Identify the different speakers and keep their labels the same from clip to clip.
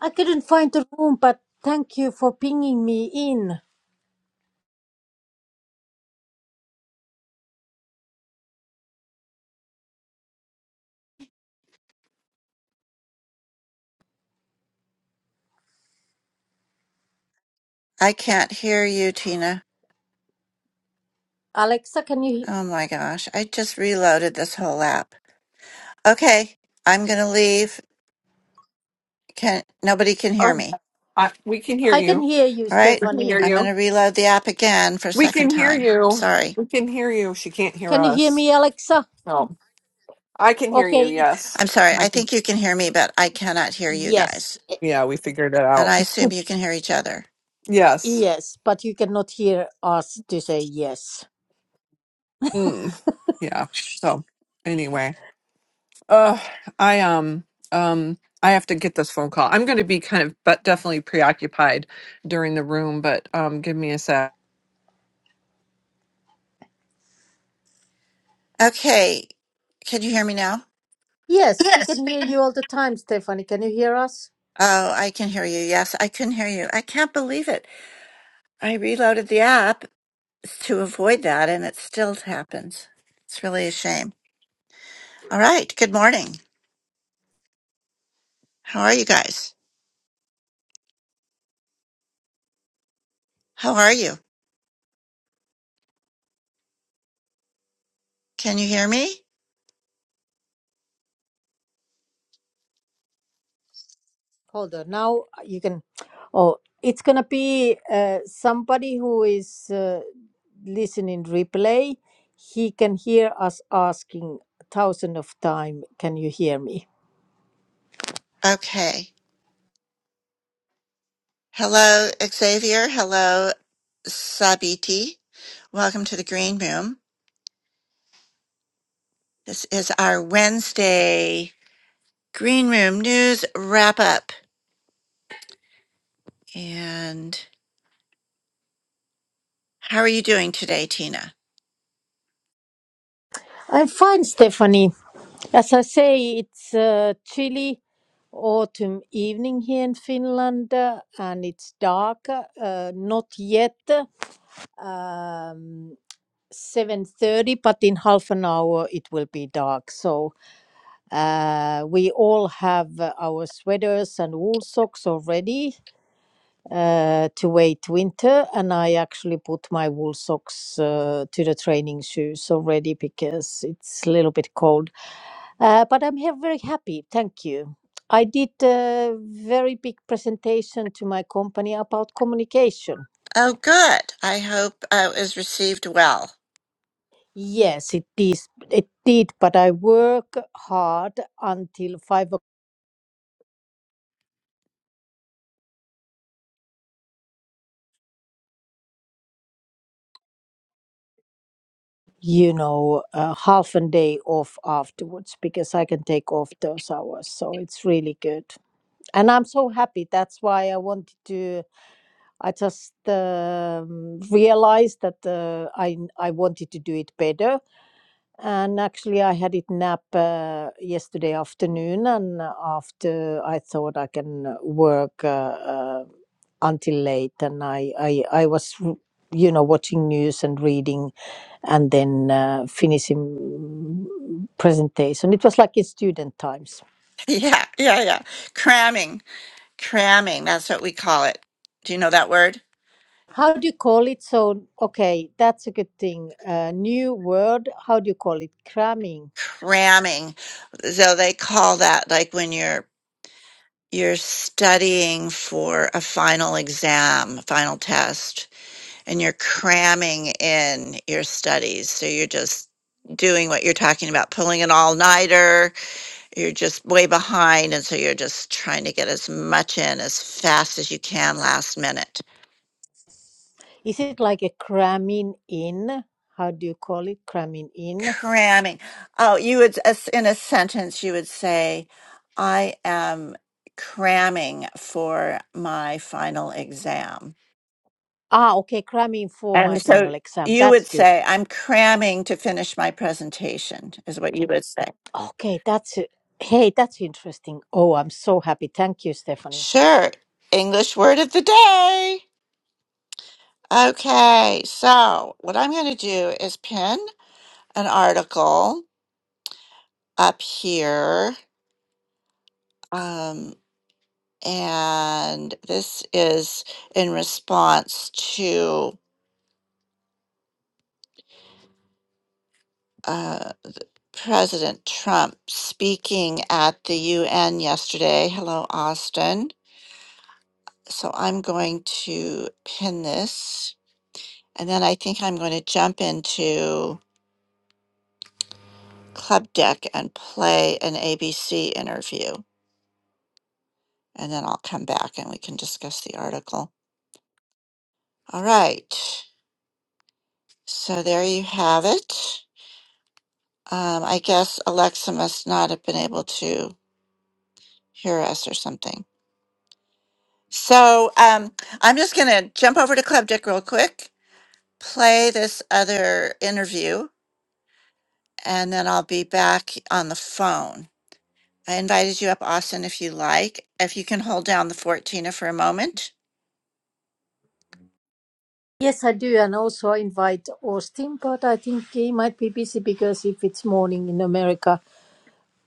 Speaker 1: I couldn't find the room, but thank you for pinging me in.
Speaker 2: I can't hear you, Tina.
Speaker 1: Alexa, can you?
Speaker 2: Oh my gosh. I just reloaded this whole app. Okay, I'm going to leave. Can nobody can hear
Speaker 3: Uh,
Speaker 2: me.
Speaker 3: I, we can hear
Speaker 1: I can
Speaker 3: you.
Speaker 1: hear you,
Speaker 2: All right.
Speaker 3: We can hear
Speaker 1: Stephanie.
Speaker 2: I'm going to
Speaker 3: you.
Speaker 2: reload the app again for a
Speaker 3: We
Speaker 2: second
Speaker 3: can hear
Speaker 2: time.
Speaker 3: you.
Speaker 2: Sorry.
Speaker 3: We can hear you. She can't hear
Speaker 1: Can you hear
Speaker 3: us.
Speaker 1: me, Alexa?
Speaker 3: No, I can hear
Speaker 1: Okay,
Speaker 3: you.
Speaker 1: it's
Speaker 3: Yes,
Speaker 2: I'm sorry.
Speaker 3: I
Speaker 2: I
Speaker 3: can.
Speaker 2: think you can hear me, but I cannot hear you
Speaker 1: yes,
Speaker 2: guys.
Speaker 1: e-
Speaker 3: Yeah, we figured it
Speaker 2: And
Speaker 3: out.
Speaker 2: I assume you can hear each other.
Speaker 3: Yes.
Speaker 1: yes, but you cannot hear us to say yes.
Speaker 3: Mm. Yeah. So, anyway, uh, I um um I have to get this phone call. I'm going to be kind of, but definitely preoccupied during the room. But um, give me a sec.
Speaker 2: Okay. Can you hear me now?
Speaker 1: Yes, we
Speaker 2: Yes,
Speaker 1: can
Speaker 2: we
Speaker 1: hear
Speaker 2: can.
Speaker 1: you all the time, Stephanie. Can you hear us?
Speaker 2: Oh, I can hear you. Yes, I can hear you. I can't believe it. I reloaded the app to avoid that and it still happens. It's really a shame. All right. Good morning. How are you guys? How are you? Can you hear me?
Speaker 1: Hold on. Now you can. Oh, it's gonna be uh, somebody who is uh, listening replay. He can hear us asking thousand of time. Can you hear me?
Speaker 2: Okay. Hello, Xavier. Hello, Sabiti. Welcome to the Green Room. This is our Wednesday Green Room News Wrap Up. And how are you doing today, Tina?
Speaker 1: I'm fine, Stephanie. As I say, it's a chilly autumn evening here in Finland, uh, and it's dark. Uh, not yet um, seven thirty, but in half an hour it will be dark. So uh, we all have uh, our sweaters and wool socks already uh, to wait winter and i actually put my wool socks uh, to the training shoes already because it's a little bit cold uh, but i'm here very happy thank you i did a very big presentation to my company about communication
Speaker 2: Oh, good. I hope uh, it was received well.
Speaker 1: yes it is it did but i work hard until five o'clock you know uh, half a day off afterwards because i can take off those hours so it's really good and I'm so happy. That's why I wanted to. I just um, realized that uh, I I wanted to do it better. And actually, I had it nap uh, yesterday afternoon, and after I thought I can uh, work uh, uh, until late, and I I I was. r- You know, watching news and reading, and then uh, finishing mm, presentation. It was like in student times
Speaker 2: yeah, yeah, yeah. Cramming, cramming. That's what we call it. Do you know that word?
Speaker 1: How do you call it? So, okay, that's a good thing. Uh, new word. How do you call it? Cramming.
Speaker 2: cramming so they call that like when you're you're studying for a final exam a final test and you're cramming in your studies so you're just doing what you're talking about pulling an all-nighter you're just way behind and so you're just trying to get as much in as fast as you can last minute
Speaker 1: Is it like a cramming in? How do you call it? Cramming in.
Speaker 2: Cramming. Oh, you would, as- in a sentence, you would say, I am cramming for my final exam.
Speaker 1: Ah, okay, cramming for my
Speaker 2: And so
Speaker 1: final exam.
Speaker 2: you
Speaker 1: That's
Speaker 2: would
Speaker 1: good.
Speaker 2: say, I'm cramming to finish my presentation, is what you would say.
Speaker 1: Okay, that's it. Hey, that's interesting. Oh, I'm so happy. Thank you, Stephanie.
Speaker 2: Sure. English word of the day. Okay, so what I'm going to do is pin an article up here. Um. And this is in response to uh, President Trump speaking at the UN yesterday. Hello, Austin. So I'm going to pin this. And then I think I'm going to jump into Club Deck and play an ABC interview. And then I'll come back and we can discuss the article. All right. So there you have it. Um, I guess Alexa must not have been able to hear us or something. So um, I'm just going to jump over to Club Dick real quick, play this other interview, and then I'll be back on the phone. I invited you up, Austin, if you like. If you can hold down the 14 for a moment.
Speaker 1: Yes, I do. And also I invite Austin, but I think he might be busy because if it's morning in America.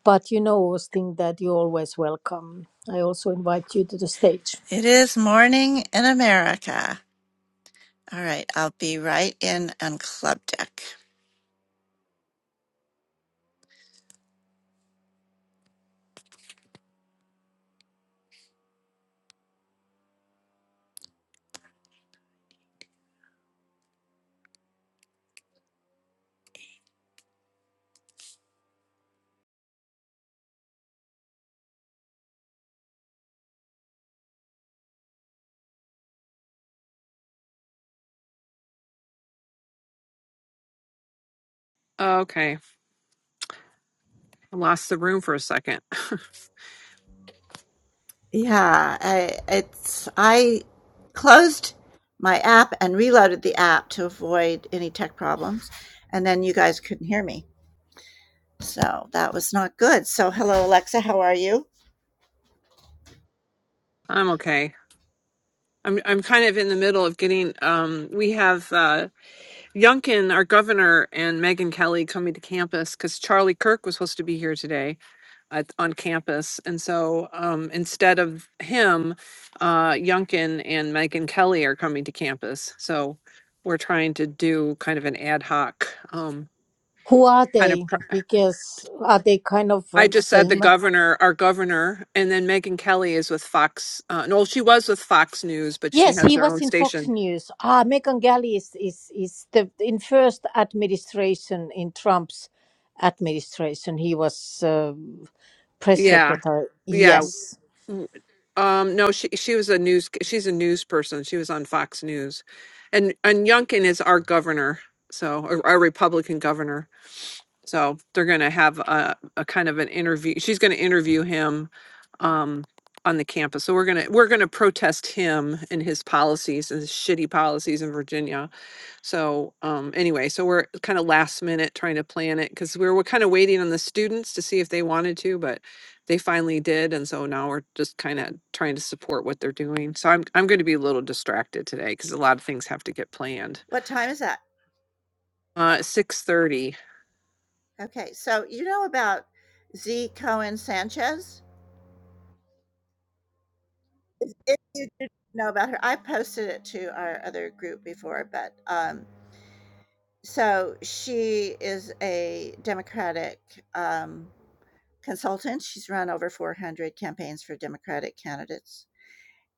Speaker 1: But you know, Austin, that you're always welcome. I also invite you to the stage.
Speaker 2: It is morning in America. All right, I'll be right in on Club Deck.
Speaker 3: Okay, I lost the room for a second.
Speaker 2: Yeah, I, it's I closed my app and reloaded the app to avoid any tech problems, and then you guys couldn't hear me, so that was not good. So, hello Alexa, how are you?
Speaker 3: I'm okay. I'm I'm kind of in the middle of getting. Um, we have. Youngkin, our governor, and Megyn Kelly coming to campus because Charlie Kirk was supposed to be here today at, on campus. And so um, instead of him, uh, Youngkin and Megyn Kelly are coming to campus. So we're trying to do kind of an ad hoc um,
Speaker 1: Who are
Speaker 3: kind of.
Speaker 1: they?
Speaker 3: Pro-
Speaker 1: Because are they kind of
Speaker 3: I
Speaker 1: uh,
Speaker 3: just said the
Speaker 1: same?
Speaker 3: governor, our governor, and then Megyn Kelly is with Fox. Uh, no, she was with Fox News, but she
Speaker 1: Yes,
Speaker 3: has
Speaker 1: he
Speaker 3: their
Speaker 1: was
Speaker 3: own
Speaker 1: in Fox
Speaker 3: station.
Speaker 1: News. Ah, Megan Galley is is is the in first administration in Trump's administration. He was uh, press
Speaker 3: Yeah.
Speaker 1: secretary.
Speaker 3: Yeah.
Speaker 1: Yes,
Speaker 3: Mm, Um, no, she she was a news she's a news person. She was on Fox News, and and Youngkin is our governor, so our, our Republican governor. So they're going to have a, a kind of an interview. She's going to interview him um, on the campus. So we're gonna we're going to protest him and his policies and his shitty policies in Virginia. So, um, anyway, so we're kind of last minute trying to plan it because we were kind of waiting on the students to see if they wanted to, but they finally did, and so now we're just kind of trying to support what they're doing. So I'm I'm going to be a little distracted today because a lot of things have to get planned.
Speaker 2: What time is that?
Speaker 3: Uh, six thirty.
Speaker 2: Okay, so you know about Z Cohen Sanchez? If if you didn't know about her, I posted it to our other group before, but um, So she is a Democratic, um, consultant. She's run over 400 campaigns for Democratic candidates,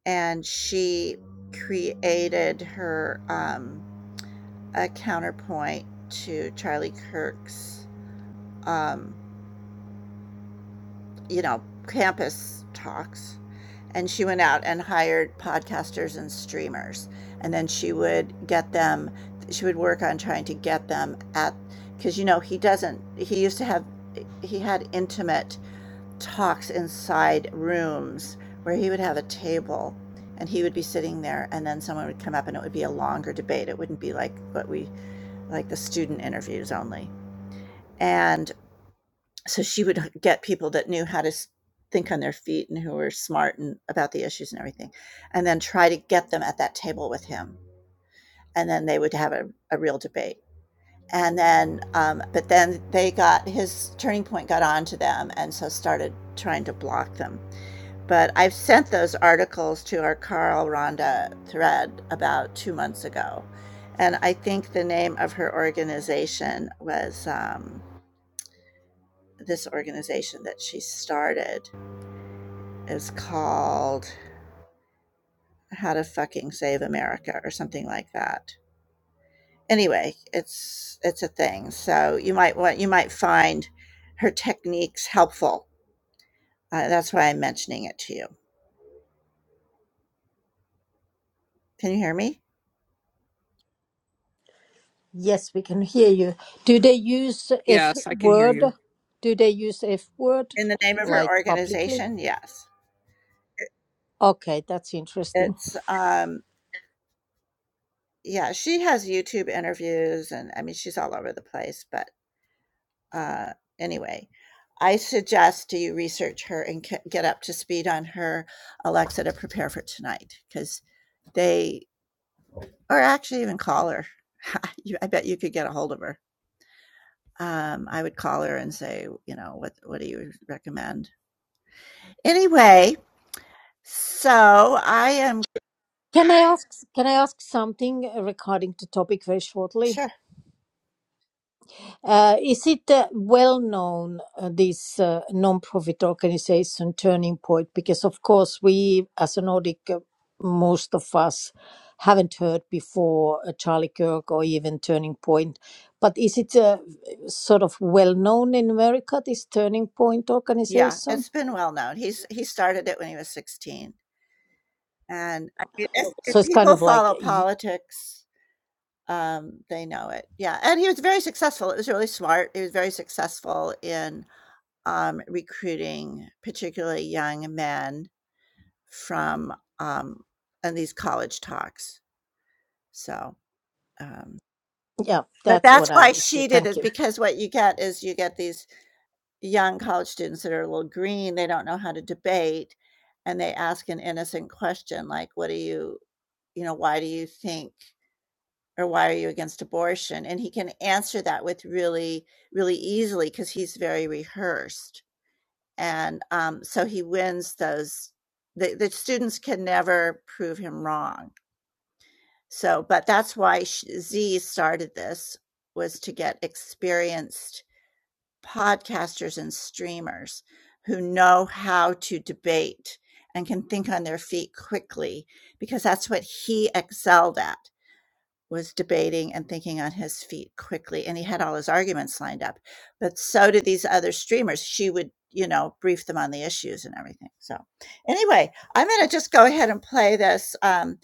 Speaker 2: and she created her, um, a counterpoint to Charlie Kirk's, um you know, campus talks. And she went out and hired podcasters and streamers. And then she would get them, she would work on trying to get them at, because, you know, he doesn't, he used to have, he had intimate talks inside rooms where he would have a table and he would be sitting there and then someone would come up and it would be a longer debate it wouldn't be like what we like the student interviews only and so she would get people that knew how to think on their feet and who were smart and about the issues and everything and then try to get them at that table with him and then they would have a, a real debate and then um, but then they got his turning point got onto them and so started trying to block them but i've sent those articles to our carl ronda thread about two months ago and i think the name of her organization was um, this organization that she started is called How to Fucking Save America or something like that. Anyway, it's it's a thing. So you might want you might find her techniques helpful. Uh, that's why I'm mentioning it to you. Can you hear me?
Speaker 1: yes, we can hear you. Do they use F
Speaker 3: Yes, I can hear
Speaker 1: word?
Speaker 3: you.
Speaker 1: Do they use F word
Speaker 2: In the name of her
Speaker 1: like publicly?
Speaker 2: organization, yes.
Speaker 1: Okay, that's interesting.
Speaker 2: It's um yeah, she has YouTube interviews and I mean she's all over the place, but uh, anyway, I suggest do you research her and get up to speed on her Alexa to prepare for tonight because they, or actually even call her. I bet you could get a hold of her. Um, I would call her and say, you know, what what do you recommend? Anyway, so I am
Speaker 1: Can I ask? Can I ask something regarding the topic very shortly?
Speaker 2: sure.
Speaker 1: Uh, is it uh, well known uh, this uh, non-profit organization Turning Point? Because of course we, as a Nordic, uh, most of us haven't heard before uh, Charlie Kirk or even Turning Point. But is it uh, sort of well known in America? This Turning Point
Speaker 2: Yeah,
Speaker 1: organization.
Speaker 2: it's been well known. He's he started it when he was sixteen, and I mean, if, if
Speaker 1: So it's kind
Speaker 2: people
Speaker 1: of like,
Speaker 2: follow
Speaker 1: y-
Speaker 2: politics, Um, they know it. Yeah, and he was very successful. It was really smart. He was very successful in, um, recruiting particularly young men from, um and these college talks. So, um
Speaker 1: yeah,
Speaker 2: but
Speaker 1: that's
Speaker 2: that's
Speaker 1: what I
Speaker 2: why she
Speaker 1: understood.
Speaker 2: did
Speaker 1: Thank
Speaker 2: is
Speaker 1: you.
Speaker 2: because what you get is you get these young college students that are a little green, they don't know how to debate, and they ask an innocent question like, "What do you" you know, "Why do you think" or why are you against abortion? And he can answer that with really, really easily because he's very rehearsed. And um, so he wins those. The, the students can never prove him wrong. So, but that's why Z started this was to get experienced podcasters and streamers who know how to debate and can think on their feet quickly because that's what he excelled at was debating and thinking on his feet quickly and he had all his arguments lined up but so did these other streamers she would you know brief them on the issues and everything so anyway i'm going to just go ahead and play this um,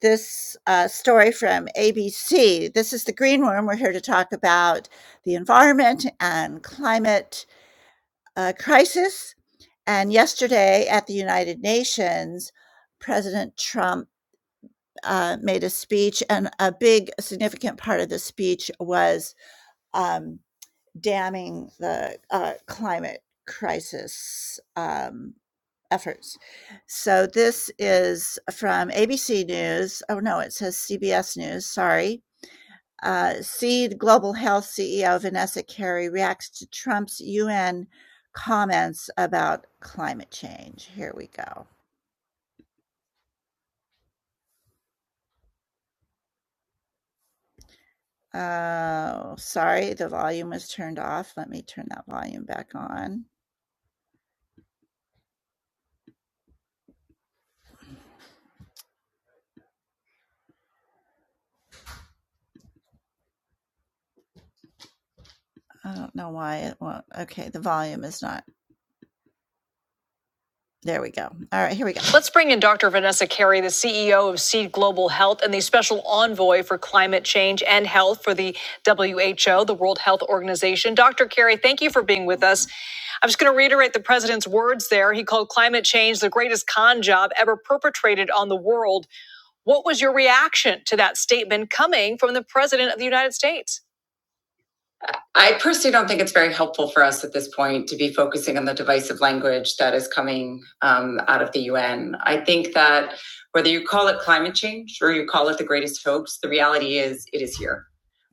Speaker 2: this uh, story from abc this is the green room we're here to talk about the environment and climate uh, crisis and yesterday at the united nations president trump uh, made a speech, and a big significant part of the speech was um, damning the uh, climate crisis um, efforts. So this is from ABC News. Oh no, it says CBS News. Sorry. Uh, Seed Global Health CEO Vanessa Carey reacts to Trump's UN comments about climate change. Here we go. Oh, sorry, the volume was turned off. Let me turn that volume back on. I don't know why it won't. Okay, the volume is not. There we go. All right, here we go. Let's bring in Dr. Vanessa Carey, the CEO of Seed Global Health and the special envoy for climate change and health for the WHO, the World Health Organization. Dr. Carey, thank you for being with us. I'm just going to reiterate the president's words there. He called climate change the greatest con job ever perpetrated on the world What was your reaction to that statement coming from the president of the United States? I personally don't think it's very helpful for us at this point to be focusing on the divisive language that is coming um, out of the UN. I think that whether you call it climate change or you call it the greatest hoax, the reality is it is here.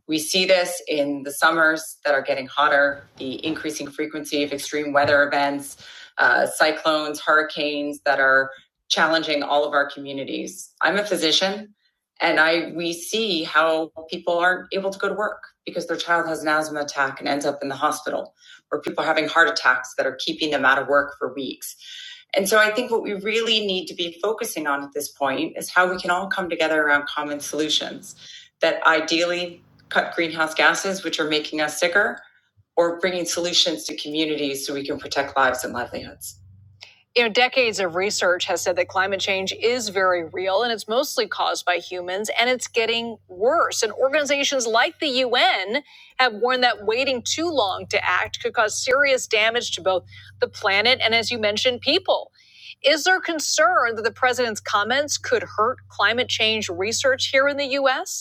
Speaker 2: We see this in the summers that are getting hotter, the increasing frequency of extreme weather events, uh, cyclones, hurricanes that are challenging all of our communities. I'm a physician. And I we see how people aren't able to go to work because their child has an asthma attack and ends up in the hospital, or people are having heart attacks that are keeping them out of work for weeks. And so I think what we really need to be focusing on at this point is how we can all come together around common solutions that ideally cut greenhouse gases, which are making us sicker, or bringing solutions to communities so we can protect lives and livelihoods you know, decades of research has said that climate change is very real and it's mostly caused by humans and it's getting worse. And organizations like the UN have warned that waiting too long to act could cause serious damage to both the planet and, as you mentioned, people. Is there concern that the president's comments could hurt climate change research here in the US?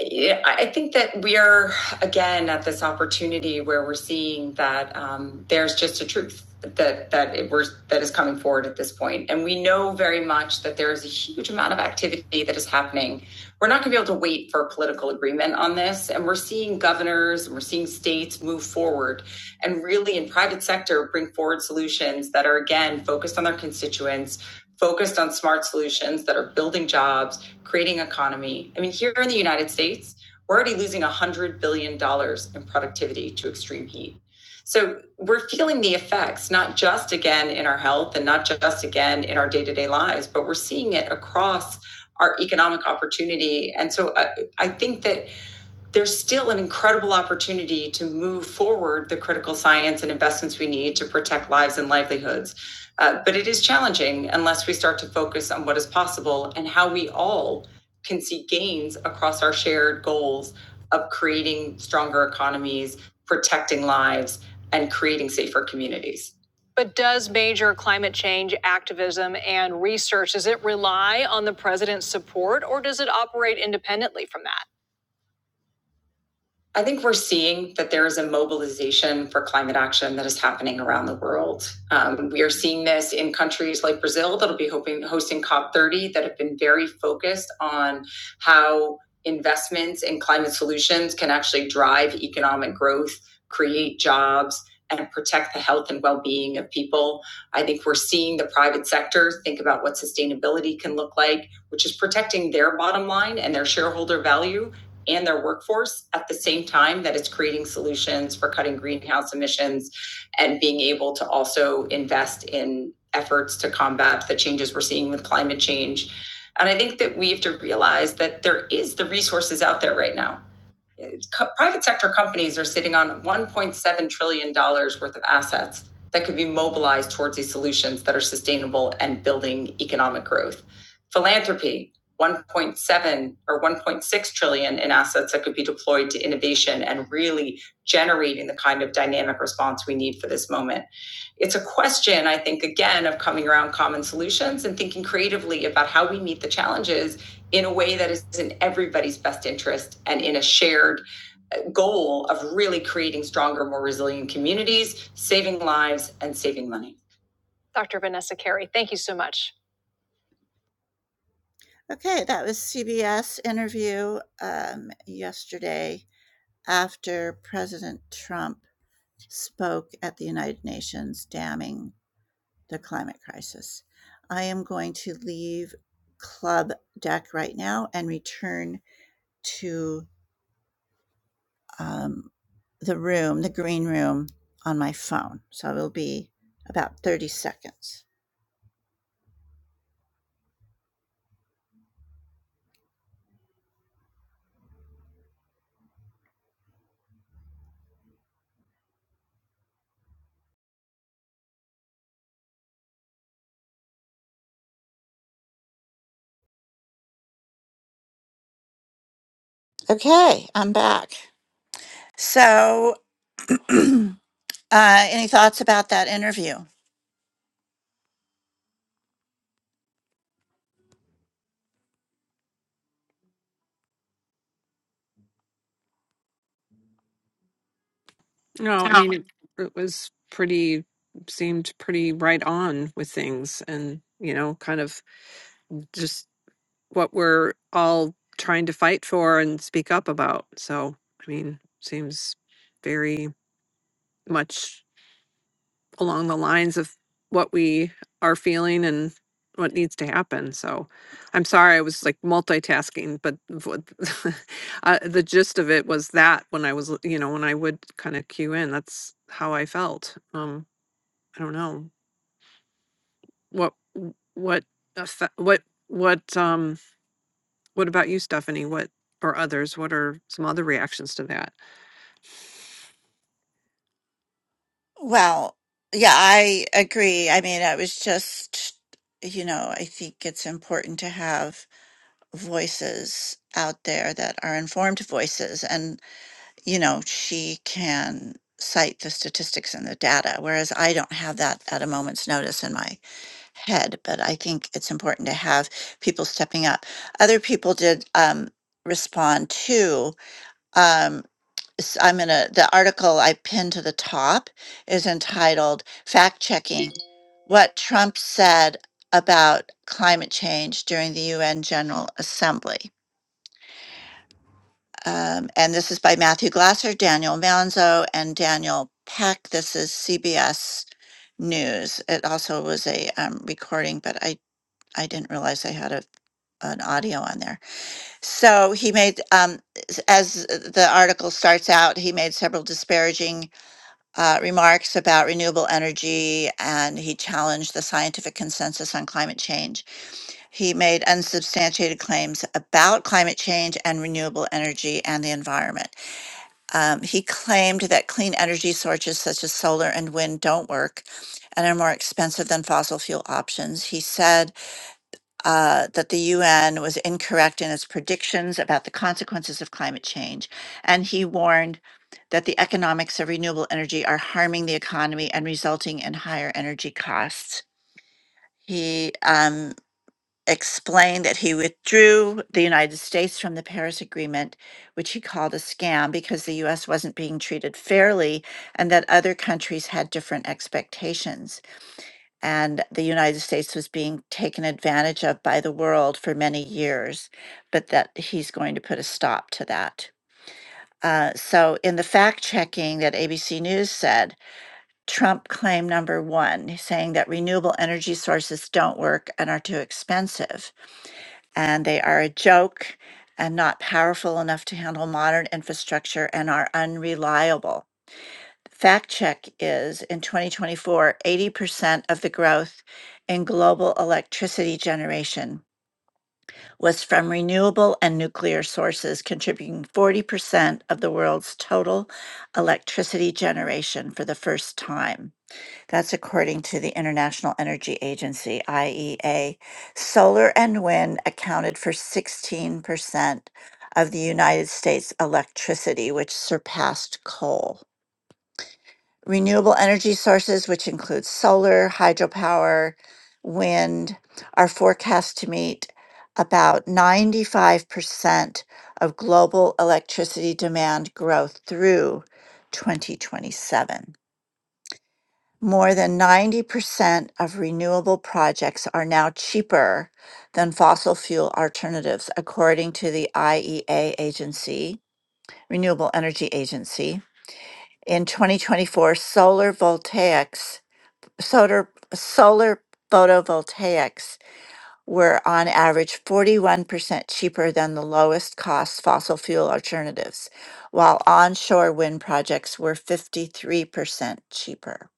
Speaker 2: Yeah, I think that we are again at this opportunity where we're seeing that um, there's just a truth that that it was that is coming forward at this point, and we know very much that there is a huge amount of activity that is happening. We're not going to be able to wait for political agreement on this, and we're seeing governors and we're seeing states move forward, and really in private sector bring forward solutions that are again focused on their constituents, focused on smart solutions that are building jobs creating economy. I mean, here in the United States, we're already losing $100 billion dollars in productivity to extreme heat. So we're feeling the effects, not just again in our health and not just again in our day to day lives, but we're seeing it across our economic opportunity. And so I, I think that there's still an incredible opportunity to move forward the critical science and investments we need to protect lives and livelihoods. Uh, but it is challenging unless we start to focus on what is possible and how we all can see gains across our shared goals of creating stronger economies, protecting lives, and creating safer communities. But does major climate change activism and research does it rely on the president's support or does it operate independently from that? I think we're seeing that there is a mobilization for climate action that is happening around the world. Um, we are seeing this in countries like Brazil that'll be hoping, hosting COP30 that have been very focused on how investments in climate solutions can actually drive economic growth, create jobs, and protect the health and well being of people. I think we're seeing the private sector think about what sustainability can look like, which is protecting their bottom line and their shareholder value and their workforce at the same time that it's creating solutions for cutting greenhouse emissions and being able to also invest in efforts to combat the changes we're seeing with climate change. And I think that we have to realize that there is the resources out there right now co- private sector companies are sitting on $1.7 trillion dollars worth of assets that could be mobilized towards these solutions that are sustainable and building economic growth. Philanthropy, 1.7 or 1.6 trillion in assets that could be deployed to innovation and really generating the kind of dynamic response we need for this moment. It's a question, I think, again, of coming around common solutions and thinking creatively about how we meet the challenges in a way that is in everybody's best interest and in a shared goal of really creating stronger, more resilient communities, saving lives, and saving money. Dr. Vanessa Carey, thank you so much. Okay, that was CBS interview um, yesterday after President Trump spoke at the United Nations damning the climate crisis. I am going to leave Club Deck right now and return to um, the room, the green room, on my phone. So it'll be about 30 seconds. Okay, I'm back. So. Uh, any thoughts about that interview?
Speaker 3: No, I mean it. It was pretty seemed pretty right on with things, and you know, kind of just. what we're all trying to fight for and speak up about. So, I mean, seems very much along the lines of what we are feeling and what needs to happen. So, I'm sorry I was like multitasking, but what- uh, the gist of it was that when I was, l- you know, when I would kind of cue in, that's how I felt. Um, I don't know what what affe- what what um What about you, Stephanie? What or others? What are some other reactions to that?
Speaker 2: Well, yeah, I agree. I mean, I was just, you know, I think it's important to have voices out there that are informed voices. And, you know, she can cite the statistics and the data, whereas I don't have that at a moment's notice in my head. But I think it's important to have people stepping up. Other people did um, respond too. Um, s- I'm going to, the article I pinned to the top is entitled Fact Checking What Trump Said About Climate Change During the UN General Assembly. Um, and this is by Matthew Glasser, Daniel Manzo, and Daniel Peck. This is CBS News. It also was a um, recording, but I, I didn't realize I had a an audio on there. So he made, um, s- as the article starts out, he made several disparaging uh, remarks about renewable energy and he challenged the scientific consensus on climate change. He made unsubstantiated claims about climate change and renewable energy and the environment. Um, he claimed that clean energy sources such as solar and wind don't work and are more expensive than fossil fuel options. He said uh, that the UN was incorrect in its predictions about the consequences of climate change. And he warned that the economics of renewable energy are harming the economy and resulting in higher energy costs. He um, explained that he withdrew the United States from the Paris Agreement, which he called a scam because the US wasn't being treated fairly and that other countries had different expectations and the United States was being taken advantage of by the world for many years, but that he's going to put a stop to that. Uh, so, in the fact checking that ABC News said, Trump claim number one, saying that renewable energy sources don't work and are too expensive, and they are a joke and not powerful enough to handle modern infrastructure and are unreliable. Fact check is in 2024, 80% of the growth in global electricity generation was from renewable and nuclear sources, contributing 40% of the world's total electricity generation for the first time. That's according to the International Energy Agency, IEA. Solar and wind accounted for 16% of the United States electricity, which surpassed coal renewable energy sources, which include solar, hydropower, wind, are forecast to meet about 95% of global electricity demand growth through 2027. More than 90% of renewable projects are now cheaper than fossil fuel alternatives, according to the IEA Agency, Renewable Energy Agency. In 2024, solar voltaics solar, solar photovoltaics were on average 41% cheaper than the lowest cost fossil fuel alternatives, while onshore wind projects were 53% cheaper.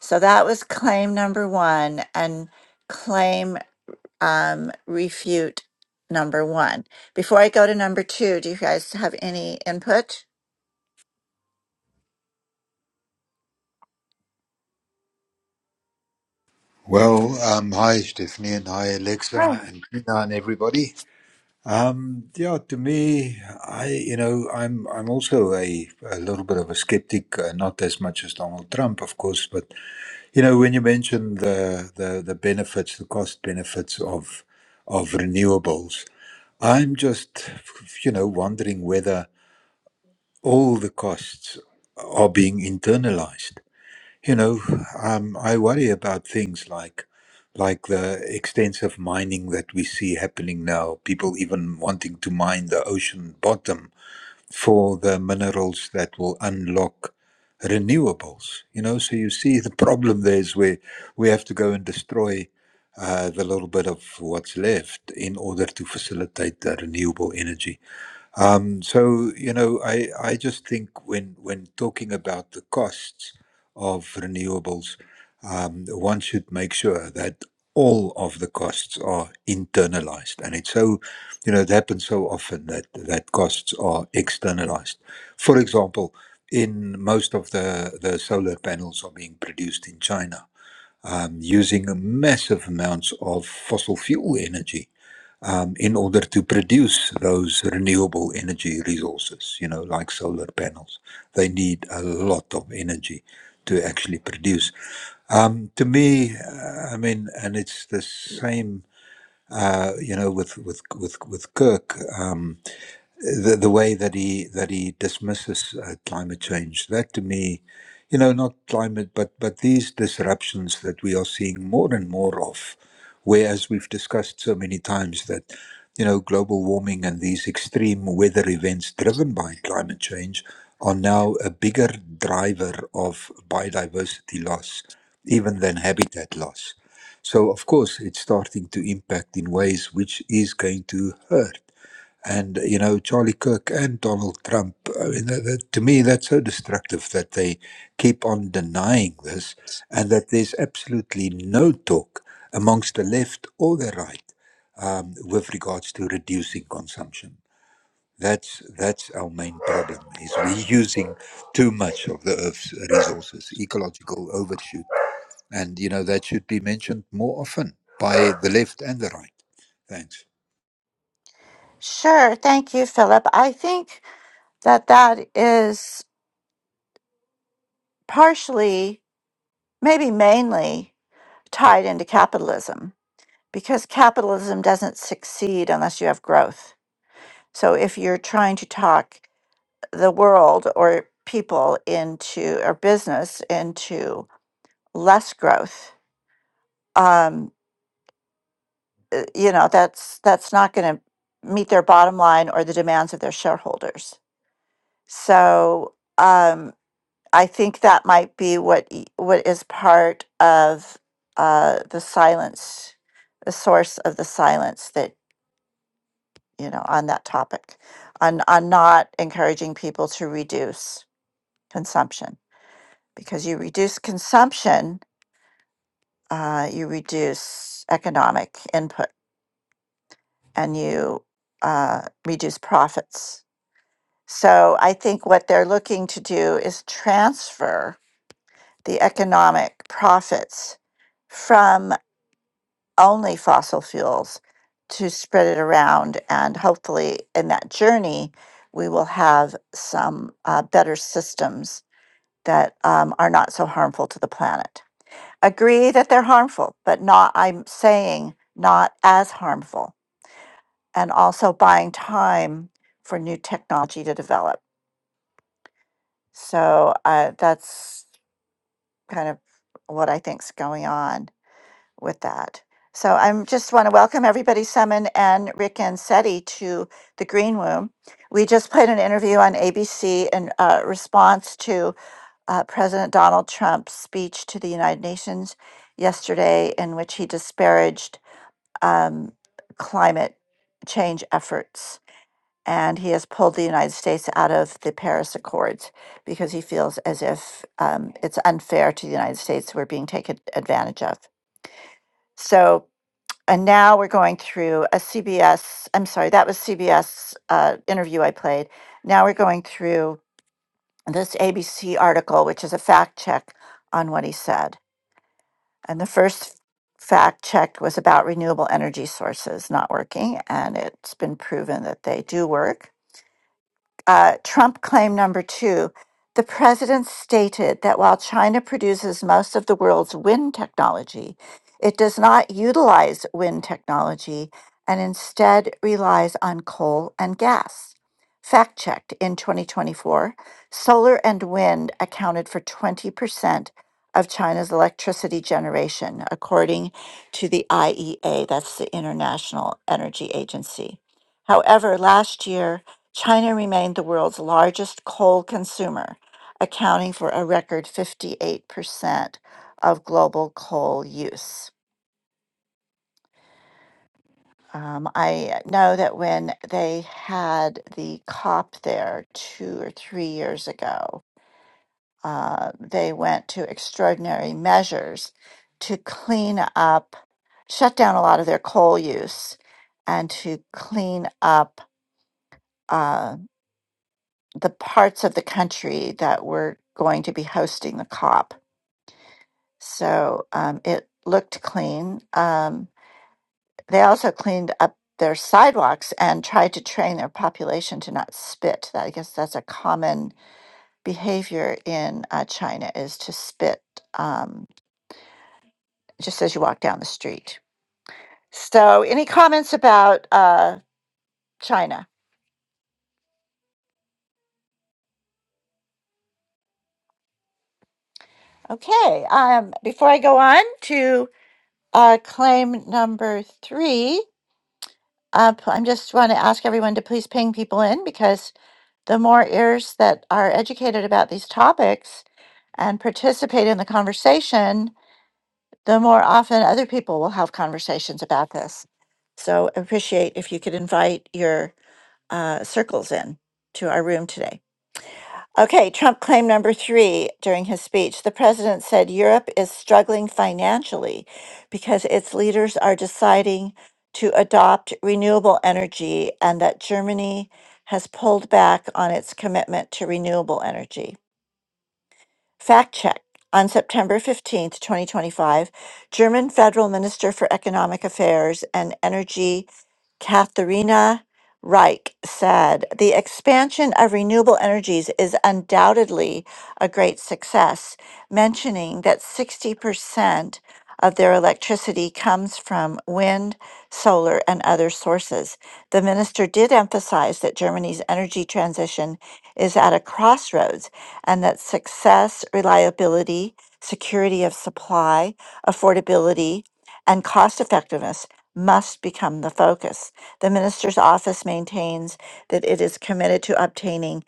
Speaker 2: So that was claim number one and claim um, refute number one. Before I go to number two, do you guys have any input?
Speaker 4: Well, um, hi Stephanie and hi Alexa
Speaker 2: Right.
Speaker 4: and Tina and everybody. Um, yeah, to me, I you know I'm I'm also a, a little bit of a skeptic, uh, not as much as Donald Trump, of course, but you know when you mention the the, the benefits, the cost benefits of of renewables, I'm just you know wondering whether all the costs are being internalized you know, um, I worry about things like like the extensive mining that we see happening now. People even wanting to mine the ocean bottom for the minerals that will unlock renewables. You know, so you see the problem there is where we have to go and destroy uh, the little bit of what's left in order to facilitate the renewable energy. Um, so you know, I I just think when when talking about the costs of renewables, um, one should make sure that all of the costs are internalized, and it's so you know it happens so often that that costs are externalized. For example, in most of the the solar panels are being produced in China um, using massive amounts of fossil fuel energy um, in order to produce those renewable energy resources, you know, like solar panels. They need a lot of energy to actually produce. Um, to me, uh, I mean, and it's the same, uh, you know, with with with with Kirk. Um, the, the way that he that he dismisses uh, climate change that to me you know not climate but but these disruptions that we are seeing more and more of whereas we've discussed so many times that you know global warming and these extreme weather events driven by climate change are now a bigger driver of biodiversity loss even than habitat loss so of course it's starting to impact in ways which is going to hurt and you know Charlie Kirk and Donald Trump. I mean, that, that, to me, that's so destructive that they keep on denying this, and that there's absolutely no talk amongst the left or the right um, with regards to reducing consumption. That's that's our main problem: is we're using too much of the Earth's resources, ecological overshoot, and you know that should be mentioned more often by the left and the right. Thanks.
Speaker 2: Sure. Thank you, Philip. I think that that is partially maybe mainly tied into capitalism because capitalism doesn't succeed unless you have growth. So if you're trying to talk the world or people into or business into less growth, um, you know that's that's not going to meet their bottom line or the demands of their shareholders. So um, I think that might be what y- what is part of uh, the silence, the source of the silence that you know on that topic, on on not encouraging people to reduce consumption because you reduce consumption, uh, you reduce economic input, and you uh, reduce profits. So I think what they're looking to do is transfer the economic profits from only fossil fuels to spread it around. And hopefully, in that journey, we will have some uh, better systems that um, are not so harmful to the planet. Agree that they're harmful, but not, I'm saying, not as harmful. And also buying time for new technology to develop. So uh, that's kind of what I think's going on. with that. So I am just want to welcome everybody, Summon and Rick and Seti, to the Green Room. We just played an interview on ABC in uh, response to uh, President Donald Trump's speech to the United Nations yesterday, in which he disparaged um, climate change efforts. And he has pulled the United States out of the Paris Accords because he feels as if um, it's unfair to the United States we're being taken advantage of. So and now we're going through a CBS, I'm sorry, that was CBS uh, interview I played. Now we're going through this ABC article, which is a fact check on what he said. And the first fact check was about renewable energy sources not working, and it's been proven that they do work uh, Trump claim number two. The president stated that while China produces most of the world's wind technology, it does not utilize wind technology and instead relies on coal and gas. Fact checked in 2024, solar and wind accounted for 20% of China's electricity generation, according to the IEA, that's the International Energy Agency. However, last year, China remained the world's largest coal consumer, accounting for a record 58% of global coal use. Um, I know that when they had the COP there two or three years ago, uh, they went to extraordinary measures to clean up, shut down a lot of their coal use, and to clean up. uh, the parts of the country that were going to be hosting the COP. So um, it looked clean. Um, they also cleaned up their sidewalks and tried to train their population to not spit. That I guess that's a common behavior in uh, China is to spit um, just as you walk down the street. So any comments about uh, China? Okay. Um, before I go on to uh, claim number three, up. I'm just want to ask everyone to please ping people in because the more ears that are educated about these topics and participate in the conversation, the more often other people will have conversations about this. So I appreciate if you could invite your uh, circles in to our room today. Okay, Trump claim number three during his speech. The president said Europe is struggling financially because its leaders are deciding to adopt renewable energy and that Germany has pulled back on its commitment to renewable energy. Fact check. On September 15th, 2025, German Federal Minister for Economic Affairs and Energy Katharina Reich said the expansion of renewable energies is undoubtedly a great success, mentioning that 60% of their electricity comes from wind, solar, and other sources. The minister did emphasize that Germany's energy transition is at a crossroads and that success, reliability, security of supply, affordability, and cost effectiveness must become the focus. The minister's office maintains that it is committed to obtaining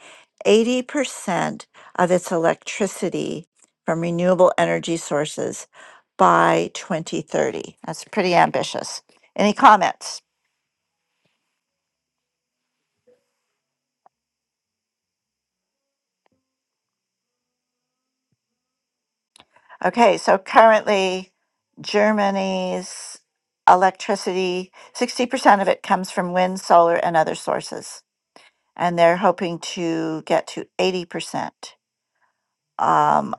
Speaker 2: 80% of its electricity from renewable energy sources by 2030. That's pretty ambitious. Any comments? Okay, so currently Germany's electricity, 60% of it comes from wind, solar, and other sources. And they're hoping to get to 80% um,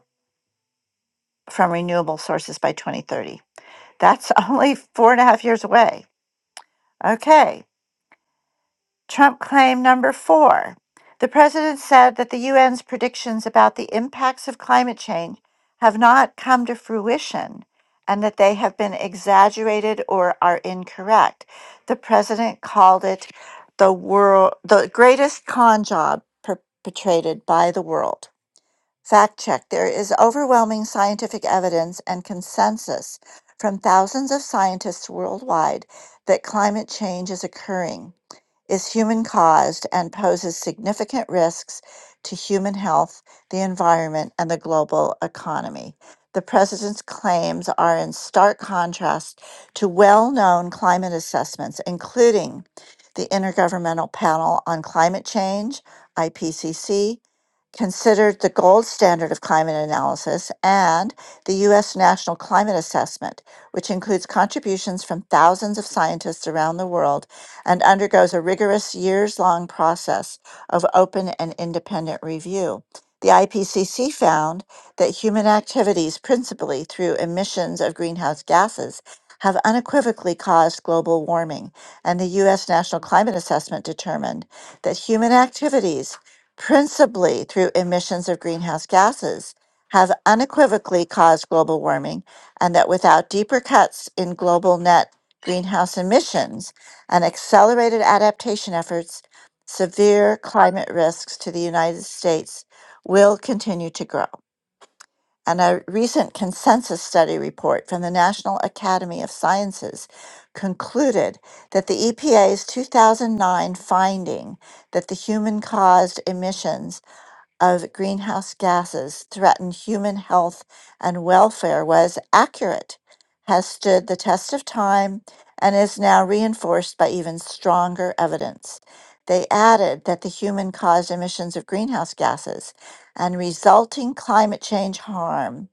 Speaker 2: from renewable sources by 2030. That's only four and a half years away. Okay, Trump claim number four. The president said that the UN's predictions about the impacts of climate change have not come to fruition and that they have been exaggerated or are incorrect. The president called it the world the greatest con job perpetrated by the world. Fact check. There is overwhelming scientific evidence and consensus from thousands of scientists worldwide that climate change is occurring is human caused and poses significant risks to human health, the environment, and the global economy. The president's claims are in stark contrast to well known climate assessments, including the Intergovernmental Panel on Climate Change, IPCC, considered the gold standard of climate analysis and the U.S. National Climate Assessment, which includes contributions from thousands of scientists around the world and undergoes a rigorous years long process of open and independent review. The IPCC found that human activities, principally through emissions of greenhouse gases, have unequivocally caused global warming, and the U.S. National Climate Assessment determined that human activities principally through emissions of greenhouse gases, have unequivocally caused global warming, and that without deeper cuts in global net greenhouse emissions and accelerated adaptation efforts, severe climate risks to the United States will continue to grow. And a recent consensus study report from the National Academy of Sciences concluded that the EPA's 2009 finding that the human caused emissions of greenhouse gases threaten human health and welfare was accurate, has stood the test of time, and is now reinforced by even stronger evidence. They added that the human caused emissions of greenhouse gases and resulting climate change harm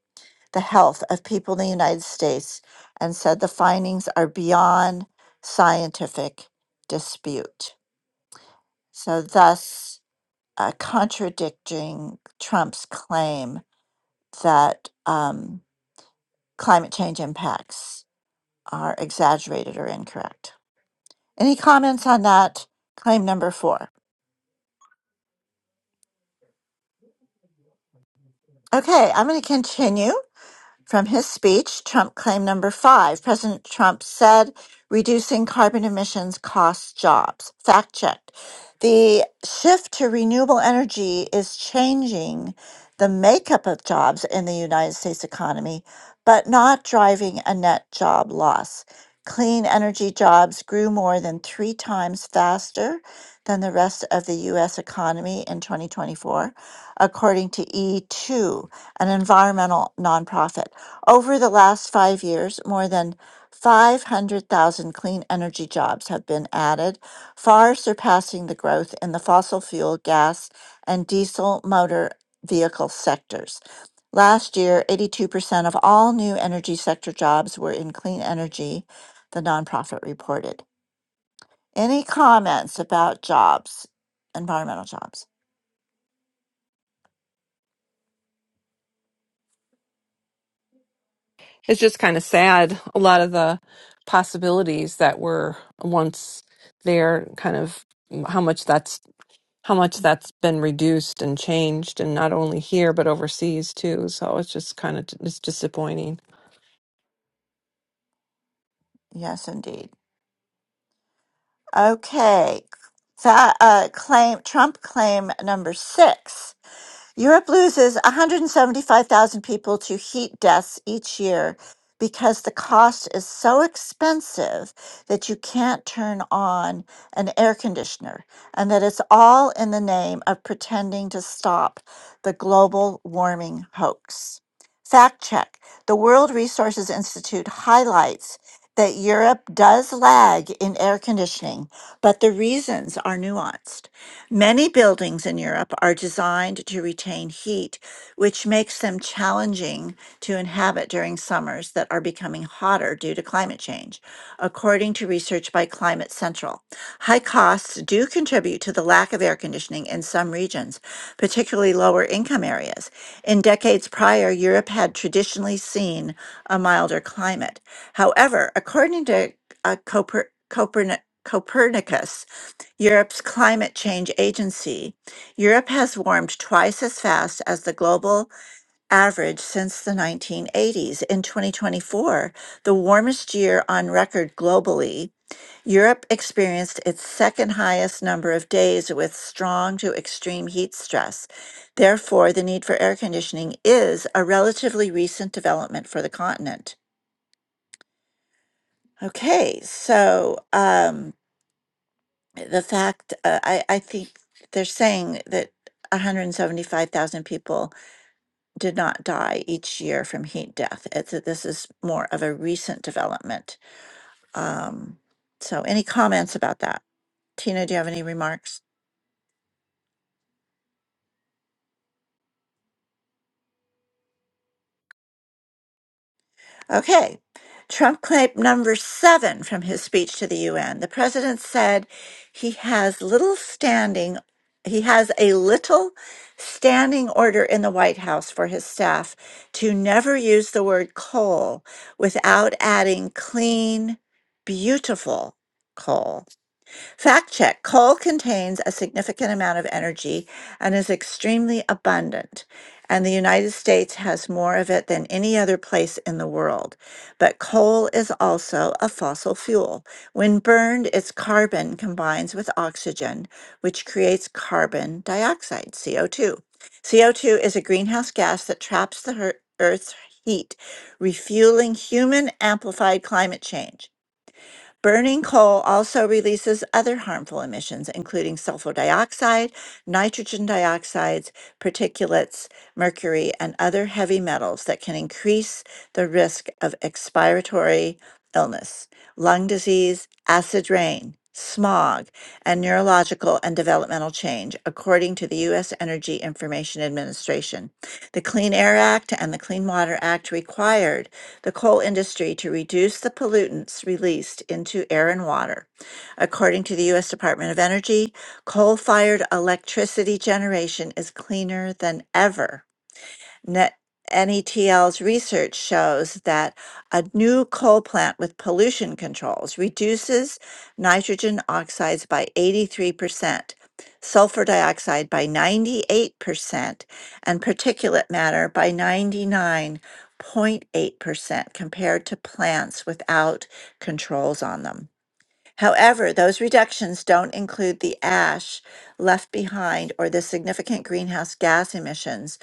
Speaker 2: the health of people in the United States and said the findings are beyond scientific dispute. So, thus, uh, contradicting Trump's claim that um, climate change impacts are exaggerated or incorrect. Any comments on that claim number four? Okay, I'm going to continue. From his speech, Trump claimed number five, President Trump said reducing carbon emissions costs jobs. Fact checked. The shift to renewable energy is changing the makeup of jobs in the United States economy, but not driving a net job loss. Clean energy jobs grew more than three times faster than the rest of the U.S. economy in 2024, according to E2, an environmental nonprofit. Over the last five years, more than 500,000 clean energy jobs have been added, far surpassing the growth in the fossil fuel, gas, and diesel motor vehicle sectors. Last year, 82% of all new energy sector jobs were in clean energy, the nonprofit reported. Any comments about jobs, environmental jobs?
Speaker 3: it's just kind of sad a lot of the possibilities that were once there kind of how much that's how much that's been reduced and changed and not only here but overseas too so it's just kind of it's disappointing
Speaker 2: Yes, indeed. Okay. That uh, claim Trump claim number six. Europe loses 175,000 people to heat deaths each year because the cost is so expensive that you can't turn on an air conditioner, and that it's all in the name of pretending to stop the global warming hoax. Fact check The World Resources Institute highlights that Europe does lag in air conditioning, but the reasons are nuanced. Many buildings in Europe are designed to retain heat, which makes them challenging to inhabit during summers that are becoming hotter due to climate change, according to research by Climate Central. High costs do contribute to the lack of air conditioning in some regions, particularly lower income areas. In decades prior, Europe had traditionally seen a milder climate. However, according to uh, Coper- Coperni- Copernicus, Europe's Climate Change Agency. Europe has warmed twice as fast as the global average since the 1980s. In 2024, the warmest year on record globally, Europe experienced its second highest number of days with strong to extreme heat stress. Therefore, the need for air conditioning is a relatively recent development for the continent. Okay, so um, the fact uh, I, I think they're saying that 175,000 people did not die each year from heat death. It's, that this is more of a recent development. Um, so, any comments about that? Tina, do you have any remarks? Okay. Trump claim number seven from his speech to the UN. The president said he has little standing, he has a little standing order in the White House for his staff to never use the word coal without adding clean, beautiful coal. Fact check coal contains a significant amount of energy and is extremely abundant, and the United States has more of it than any other place in the world. But coal is also a fossil fuel. When burned, its carbon combines with oxygen, which creates carbon dioxide, CO2. CO2 is a greenhouse gas that traps the her- Earth's heat, refueling human amplified climate change. Burning coal also releases other harmful emissions, including sulfur dioxide, nitrogen dioxides, particulates, mercury, and other heavy metals that can increase the risk of expiratory illness, lung disease, acid rain, smog, and neurological and developmental change, according to the U.S. Energy Information Administration. The Clean Air Act and the Clean Water Act required the coal industry to reduce the pollutants released into air and water. According to the U.S. Department of Energy, coal fired electricity generation is cleaner than ever Net- NETL's research shows that a new coal plant with pollution controls reduces nitrogen oxides by 83%, sulfur dioxide by 98%, and particulate matter by 99.8% compared to plants without controls on them. However, those reductions don't include the ash left behind or the significant greenhouse gas emissions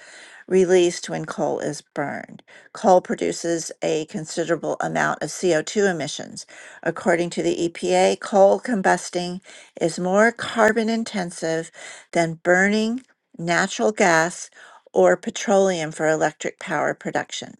Speaker 2: released when coal is burned. Coal produces a considerable amount of CO2 emissions. According to the EPA, coal combusting is more carbon intensive than burning natural gas or petroleum for electric power production.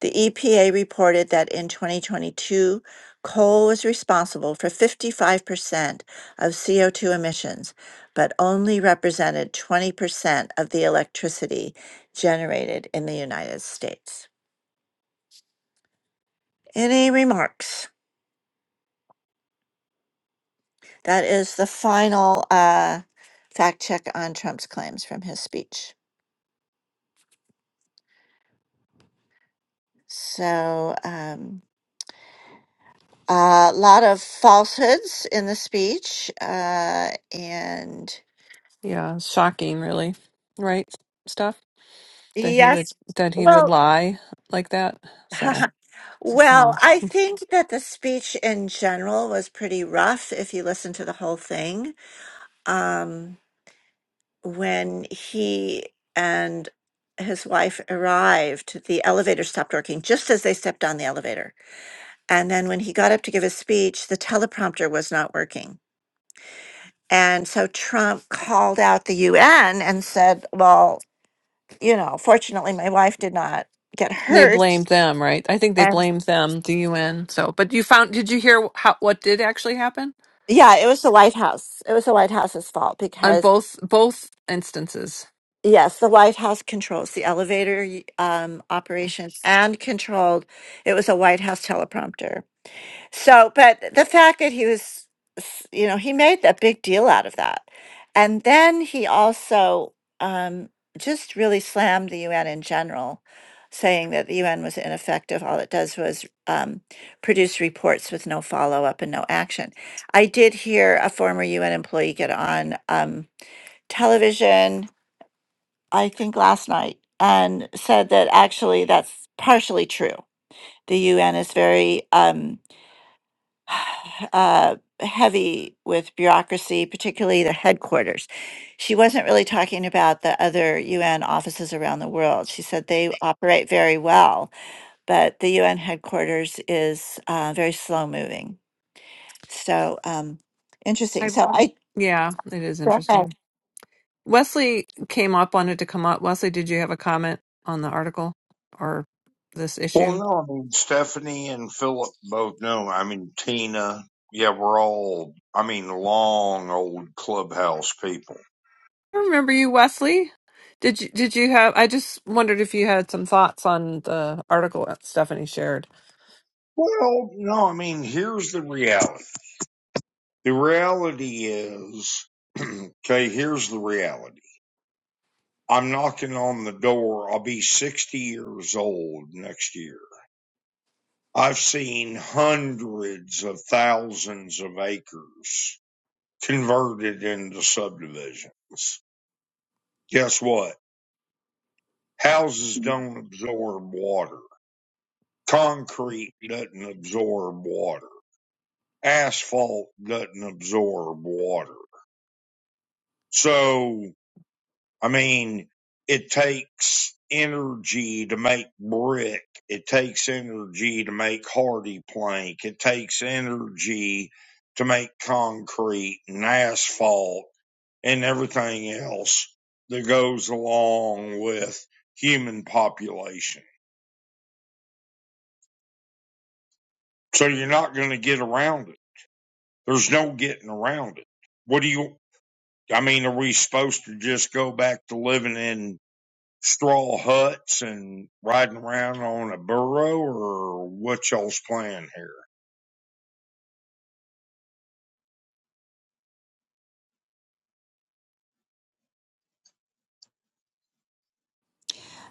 Speaker 2: The EPA reported that in 2022, coal was responsible for 55% of CO2 emissions, but only represented 20% of the electricity generated in the United States. Any remarks? That is the final uh, fact check on Trump's claims from his speech. So, um, a lot of falsehoods in the speech, uh, and
Speaker 3: yeah it's shocking really right stuff that he would that he would lie like that so so
Speaker 2: Well, I think that the speech in general was pretty rough if you listen to the whole thing. Um, when he and his wife arrived, the elevator stopped working just as they stepped on the elevator. And then when he got up to give his speech, the teleprompter was not working. And so Trump called out the UN and said, Well, you know, fortunately, my wife did not get
Speaker 3: They
Speaker 2: hurt.
Speaker 3: blamed them, right? I think they blamed them, the UN. So, but you found, did you hear how, what did actually happen
Speaker 2: Yeah, it was the White House. It was the White House's fault
Speaker 3: on
Speaker 2: because
Speaker 3: both both instances?
Speaker 2: Yes, the White House controls the elevator y- um, operations and controlled. It was a White House teleprompter. So, but the fact that he was, s- you know, he made a big deal out of that. And then he also um, just really slammed the UN in general, saying that the UN was ineffective. All it does was um, produce reports with no follow up and no action. I did hear a former UN employee get on um, television I think last night, and said that actually that's partially true. The UN is very um, uh, heavy with bureaucracy, particularly the headquarters. She wasn't really talking about the other UN offices around the world. She said they operate very well, but the UN headquarters is uh, very slow moving. So um, interesting.
Speaker 3: I
Speaker 2: So I
Speaker 3: yeah, it is interesting. Wesley came up, wanted to come up. Wesley, did you have a comment on the article or this
Speaker 5: Well,
Speaker 3: issue?
Speaker 5: no, I mean, Stephanie and Philip both know. I mean, Tina. Yeah, we're all, I mean, long old clubhouse people.
Speaker 3: I remember you, Wesley. Did you did you have I just wondered if you had some thoughts on the article that Stephanie shared.
Speaker 5: Well, no, I mean, here's the reality. The reality is, okay, here's the reality. I'm knocking on the door. I'll be 60 years old next year. I've seen hundreds of thousands of acres converted into subdivisions. Guess what? Houses don't absorb water. Concrete doesn't absorb water. Asphalt doesn't absorb water. So, I mean, it takes energy to make brick. It takes energy to make hardy plank. It takes energy to make concrete and asphalt and everything else that goes along with human population. So you're not going to get around it. There's no getting around it. What do you, I mean, are we supposed to just go back to living in straw huts and riding around on a burro or what y'all's plan here?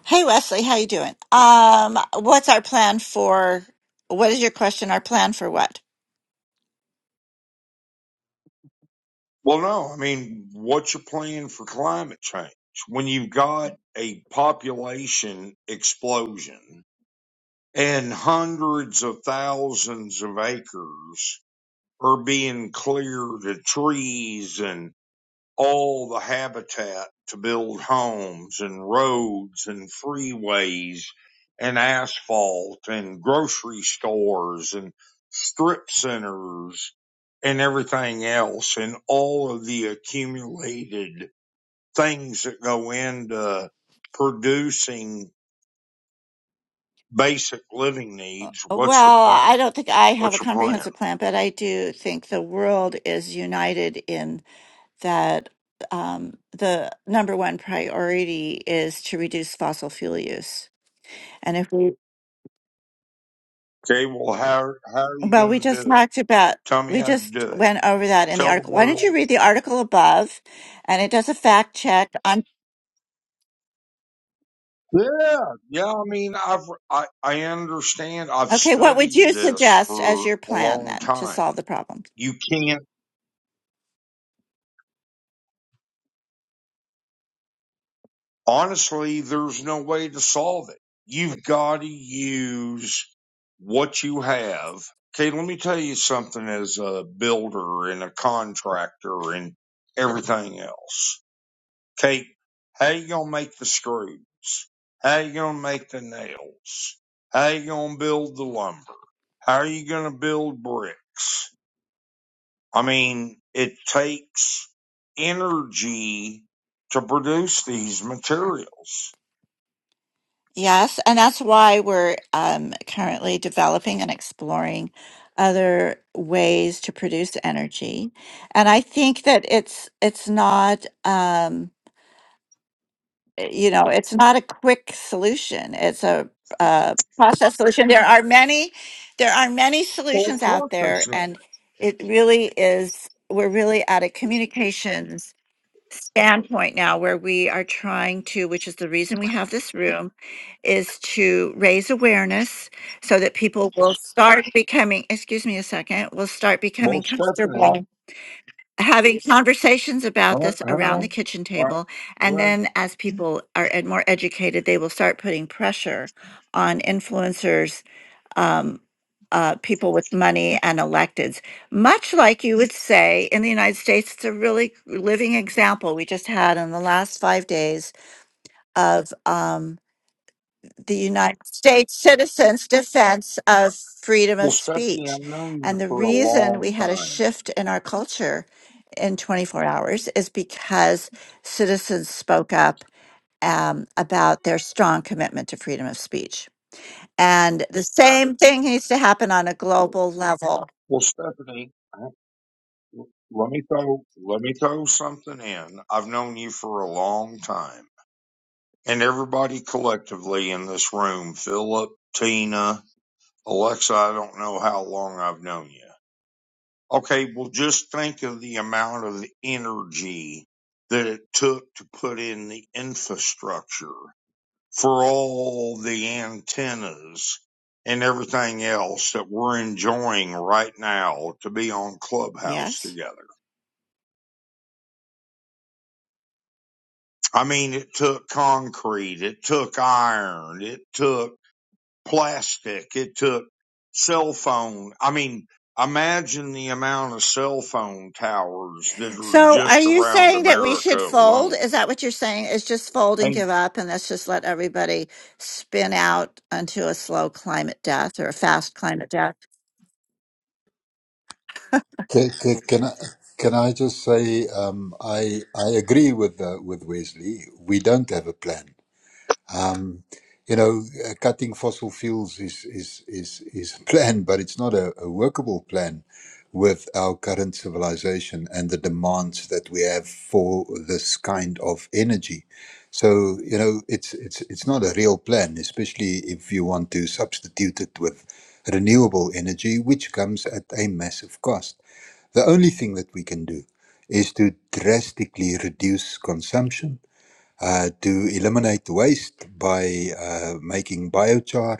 Speaker 2: Hey Wesley, how you doing? Um, what's our plan for? What is your question? Our plan for what?
Speaker 5: Well, no, I mean, what's your plan for climate change when you've got a population explosion and hundreds of thousands of acres are being cleared of trees and all the habitat to build homes and roads and freeways and asphalt and grocery stores and strip centers and everything else and all of the accumulated things that go into producing basic living needs.
Speaker 2: Well,
Speaker 5: What's the plan?
Speaker 2: I don't think I have a
Speaker 5: What's your plan?
Speaker 2: comprehensive plan, but I do think the world is united in that um, the number one priority is to reduce fossil fuel use. And if we
Speaker 5: Okay. Well, how, how are you
Speaker 2: Well, we
Speaker 5: going
Speaker 2: just
Speaker 5: to do it?
Speaker 2: talked about,
Speaker 5: Tell me
Speaker 2: we
Speaker 5: how to
Speaker 2: just
Speaker 5: do it.
Speaker 2: went over that in the
Speaker 5: Tell the
Speaker 2: article. Why don't
Speaker 5: world
Speaker 2: you read the article above? And it does a fact check on,
Speaker 5: Yeah, yeah. I mean, I've I, I understand. I've
Speaker 2: okay, what would
Speaker 5: studied
Speaker 2: you
Speaker 5: this
Speaker 2: suggest as
Speaker 5: for
Speaker 2: your
Speaker 5: a
Speaker 2: plan
Speaker 5: long
Speaker 2: then to solve
Speaker 5: time.
Speaker 2: the problem?
Speaker 5: You can't honestly. There's no way to solve it. You've got to use what you have. Okay, let me tell you something. As a builder and a contractor and everything else. Okay, how you gonna make the screws? How you gonna make the nails? How you gonna build the lumber? How are you going to build bricks? I mean, it takes energy to produce these materials.
Speaker 2: Yes, and that's why we're um, currently developing and exploring other ways to produce energy. And I think that it's it's not. Um, uh, you know it's not a quick solution it's a uh, process solution there are many there are many
Speaker 5: Well, of
Speaker 2: solutions out
Speaker 5: course
Speaker 2: there
Speaker 5: it's not.
Speaker 2: and it really is we're really at a communications standpoint now where we are trying to which is the reason we have this room is to raise awareness so that people will start becoming excuse me a second will start becoming
Speaker 5: Well, Stephanie,
Speaker 2: comfortable having conversations about
Speaker 5: hello.
Speaker 2: this around the
Speaker 5: hello.
Speaker 2: kitchen
Speaker 5: All right.
Speaker 2: table. And
Speaker 5: Well,
Speaker 2: then as people are ed- more educated, they will start putting pressure on influencers, um, uh, people with money and electeds, much like you would say in the United States. It's a really living example we just had in the last five days of. Um, the United States citizens' defense of freedom
Speaker 5: well,
Speaker 2: of
Speaker 5: Stephanie,
Speaker 2: speech.
Speaker 5: I've known you
Speaker 2: And the
Speaker 5: for a
Speaker 2: reason
Speaker 5: long
Speaker 2: we had a
Speaker 5: time.
Speaker 2: shift in our culture in 24 hours is because citizens spoke up um, about their strong commitment to freedom of speech. And the same thing needs to happen on a global level.
Speaker 5: Well, Stephanie, I- let me throw let me throw something in. I've known you for a long time, and everybody collectively in this room, Philip, Tina. Alexa, I don't know how long I've known you. Okay, well, just think of the amount of energy that it took to put in the infrastructure for all the antennas and everything else that we're enjoying right now to be on Clubhouse
Speaker 2: Yes.
Speaker 5: together. I mean, it took concrete, it took iron, it took plastic. It took cell phone. I mean, imagine the amount of cell phone towers that are
Speaker 2: So are
Speaker 5: just
Speaker 2: you
Speaker 5: around
Speaker 2: saying that we
Speaker 5: America
Speaker 2: should fold?
Speaker 5: alone.
Speaker 2: Is that what you're saying? Is just fold and
Speaker 5: And
Speaker 2: give up and let's just let everybody spin out onto a slow climate death or a fast climate.
Speaker 4: Can, can, can I can I just say um, I I agree with uh, with Wesley. We don't have a plan you know, uh, cutting fossil fuels is is is is a plan, but it's not a, a workable plan with our current civilization and the demands that we have for this kind of energy. So you know, it's it's it's not a real plan, especially if you want to substitute it with renewable energy, which comes at a massive cost. The only thing that we can do is to drastically reduce consumption uh, to eliminate waste by uh, making biochar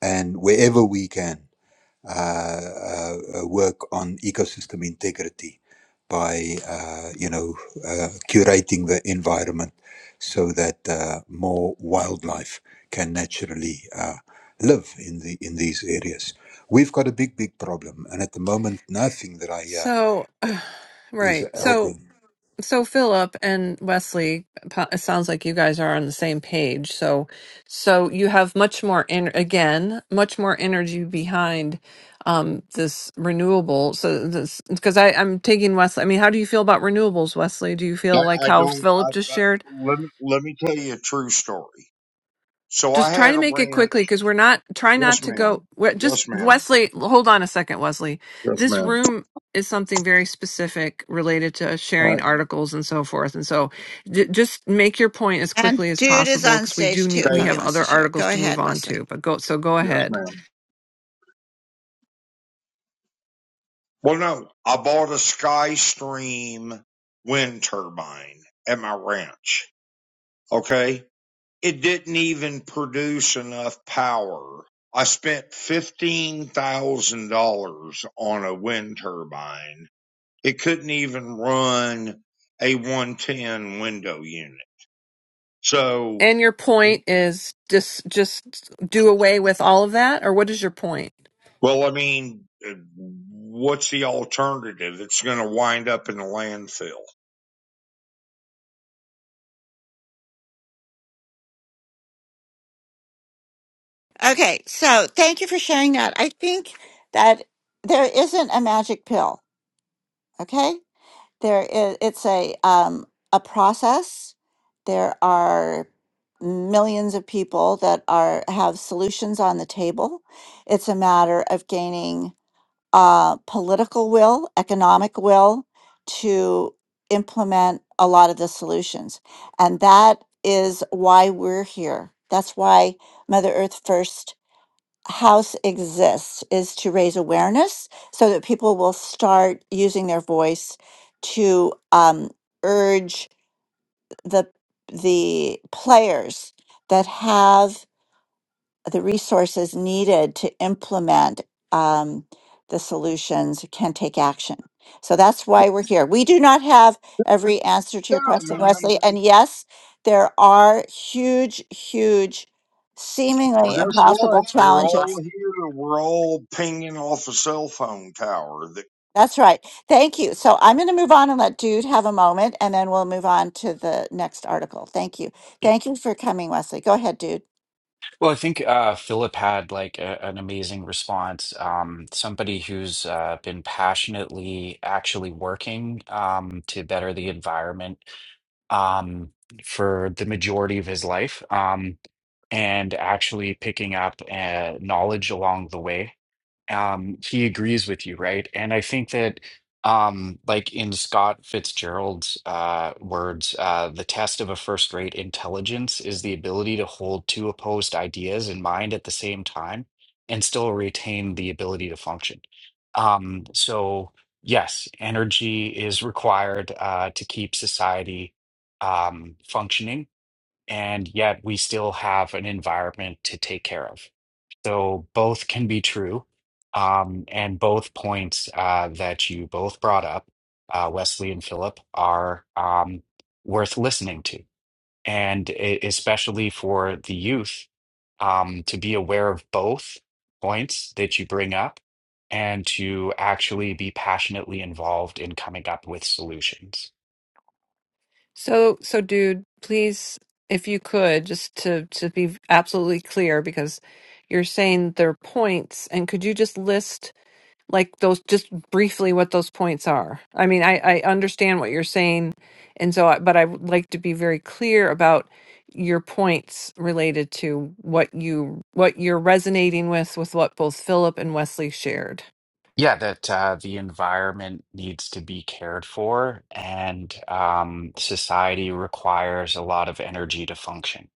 Speaker 4: and wherever we can uh, uh, uh, work on ecosystem integrity by uh, you know uh, curating the environment so that uh, more wildlife can naturally uh, live in the in these areas. We've got a big big problem, and at the moment, nothing that I hear
Speaker 3: So
Speaker 4: is
Speaker 3: right. So
Speaker 4: helping.
Speaker 3: So Philip and Wesley, po- it sounds like you guys are on the same page. So, so you have much more en- again, much more energy behind um, this renewable. So this because I I'm taking Wesley. I mean, how do you feel about renewables, Wesley? Do you
Speaker 5: I,
Speaker 3: feel like
Speaker 5: I
Speaker 3: how
Speaker 5: don't,
Speaker 3: Philip just
Speaker 5: I, I,
Speaker 3: shared?
Speaker 5: let, me, let me tell you a true story. So I
Speaker 3: just try
Speaker 5: had
Speaker 3: to
Speaker 5: a
Speaker 3: make it
Speaker 5: ranch.
Speaker 3: quickly because we're not try
Speaker 5: Yes,
Speaker 3: not to go
Speaker 5: ma'am.
Speaker 3: we're, just
Speaker 5: Yes, ma'am.
Speaker 3: wesley hold on a second wesley
Speaker 5: Yes,
Speaker 3: this
Speaker 5: ma'am.
Speaker 3: room is something very specific related to
Speaker 5: Uh,
Speaker 3: sharing articles and so forth and so j- just make your point as
Speaker 2: And
Speaker 3: quickly as
Speaker 2: dude is
Speaker 3: possible
Speaker 2: on
Speaker 3: because we do
Speaker 2: stage
Speaker 3: need
Speaker 2: too,
Speaker 3: we
Speaker 5: Kate,
Speaker 2: probably
Speaker 3: have
Speaker 2: wants
Speaker 3: other
Speaker 2: to share.
Speaker 3: articles
Speaker 2: Go
Speaker 3: to move
Speaker 2: ahead,
Speaker 3: on to
Speaker 2: Wesley.
Speaker 3: but go so go
Speaker 5: yes,
Speaker 3: ahead
Speaker 5: ma'am. Well, no, I bought a SkyStream wind turbine at my ranch. Okay it didn't even produce enough power. I spent $15,000 on a wind turbine. It couldn't even run a 110 window unit. So,
Speaker 3: and your point is just just do away with all of that or what is your point
Speaker 5: well, I mean, uh, what's the alternative? It's going to wind up in a landfill.
Speaker 2: Okay, so thank you for sharing that. I think that there isn't a magic pill, okay? There is, it's a um, a process. There are millions of people that are have solutions on the table. It's a matter of gaining uh, political will, economic will to implement a lot of the solutions, and that is why we're here. That's why Mother Earth First house exists is to raise awareness so that people will start using their voice to um, urge the the players that have the resources needed to implement um, the solutions can take action. So that's why we're here. We do not have every answer to
Speaker 5: Yeah,
Speaker 2: your
Speaker 5: I
Speaker 2: question,
Speaker 5: mean, I'm,
Speaker 2: Wesley. And yes, there are huge, huge,
Speaker 5: well,
Speaker 2: seemingly
Speaker 5: guess what?
Speaker 2: impossible
Speaker 5: We're
Speaker 2: challenges.
Speaker 5: all here. We're all pinging off a cell phone tower that.
Speaker 2: That's right. Thank you. So I'm going to move on and let Dude have a moment, and then we'll move on to the next article. Thank you.
Speaker 6: Yeah.
Speaker 2: Thank you for coming, Wesley. Go ahead, Dude.
Speaker 6: Well, I think uh, Philip had like a, an amazing response. Um, somebody who's uh, been passionately actually working um, to better the environment um, for the majority of his life, um, and actually picking up uh, knowledge along the way. um, he agrees with you, right? And I think that, um, like in Scott Fitzgerald's uh, words, uh, the test of a first-rate intelligence is the ability to hold two opposed ideas in mind at the same time and still retain the ability to function. Um, so, yes, energy is required uh, to keep society um, functioning, and yet we still have an environment to take care of. So both can be true. Um, and both points uh, that you both brought up, uh, Wesley and Philip, are um, worth listening to. And e- especially for the youth, um, to be aware of both points that you bring up and to actually be passionately involved in coming up with solutions.
Speaker 3: So, so dude, please, if you could, just to to be absolutely clear, because you're saying their points, and could you just list like those, just briefly what those points are? I mean, I I understand what you're saying, and so, I, but I would like to be very clear about your points related to what you what you're resonating with with what both Philip and Wesley shared.
Speaker 6: Yeah, that uh, the environment needs to be cared for, and um, society requires a lot of energy to function.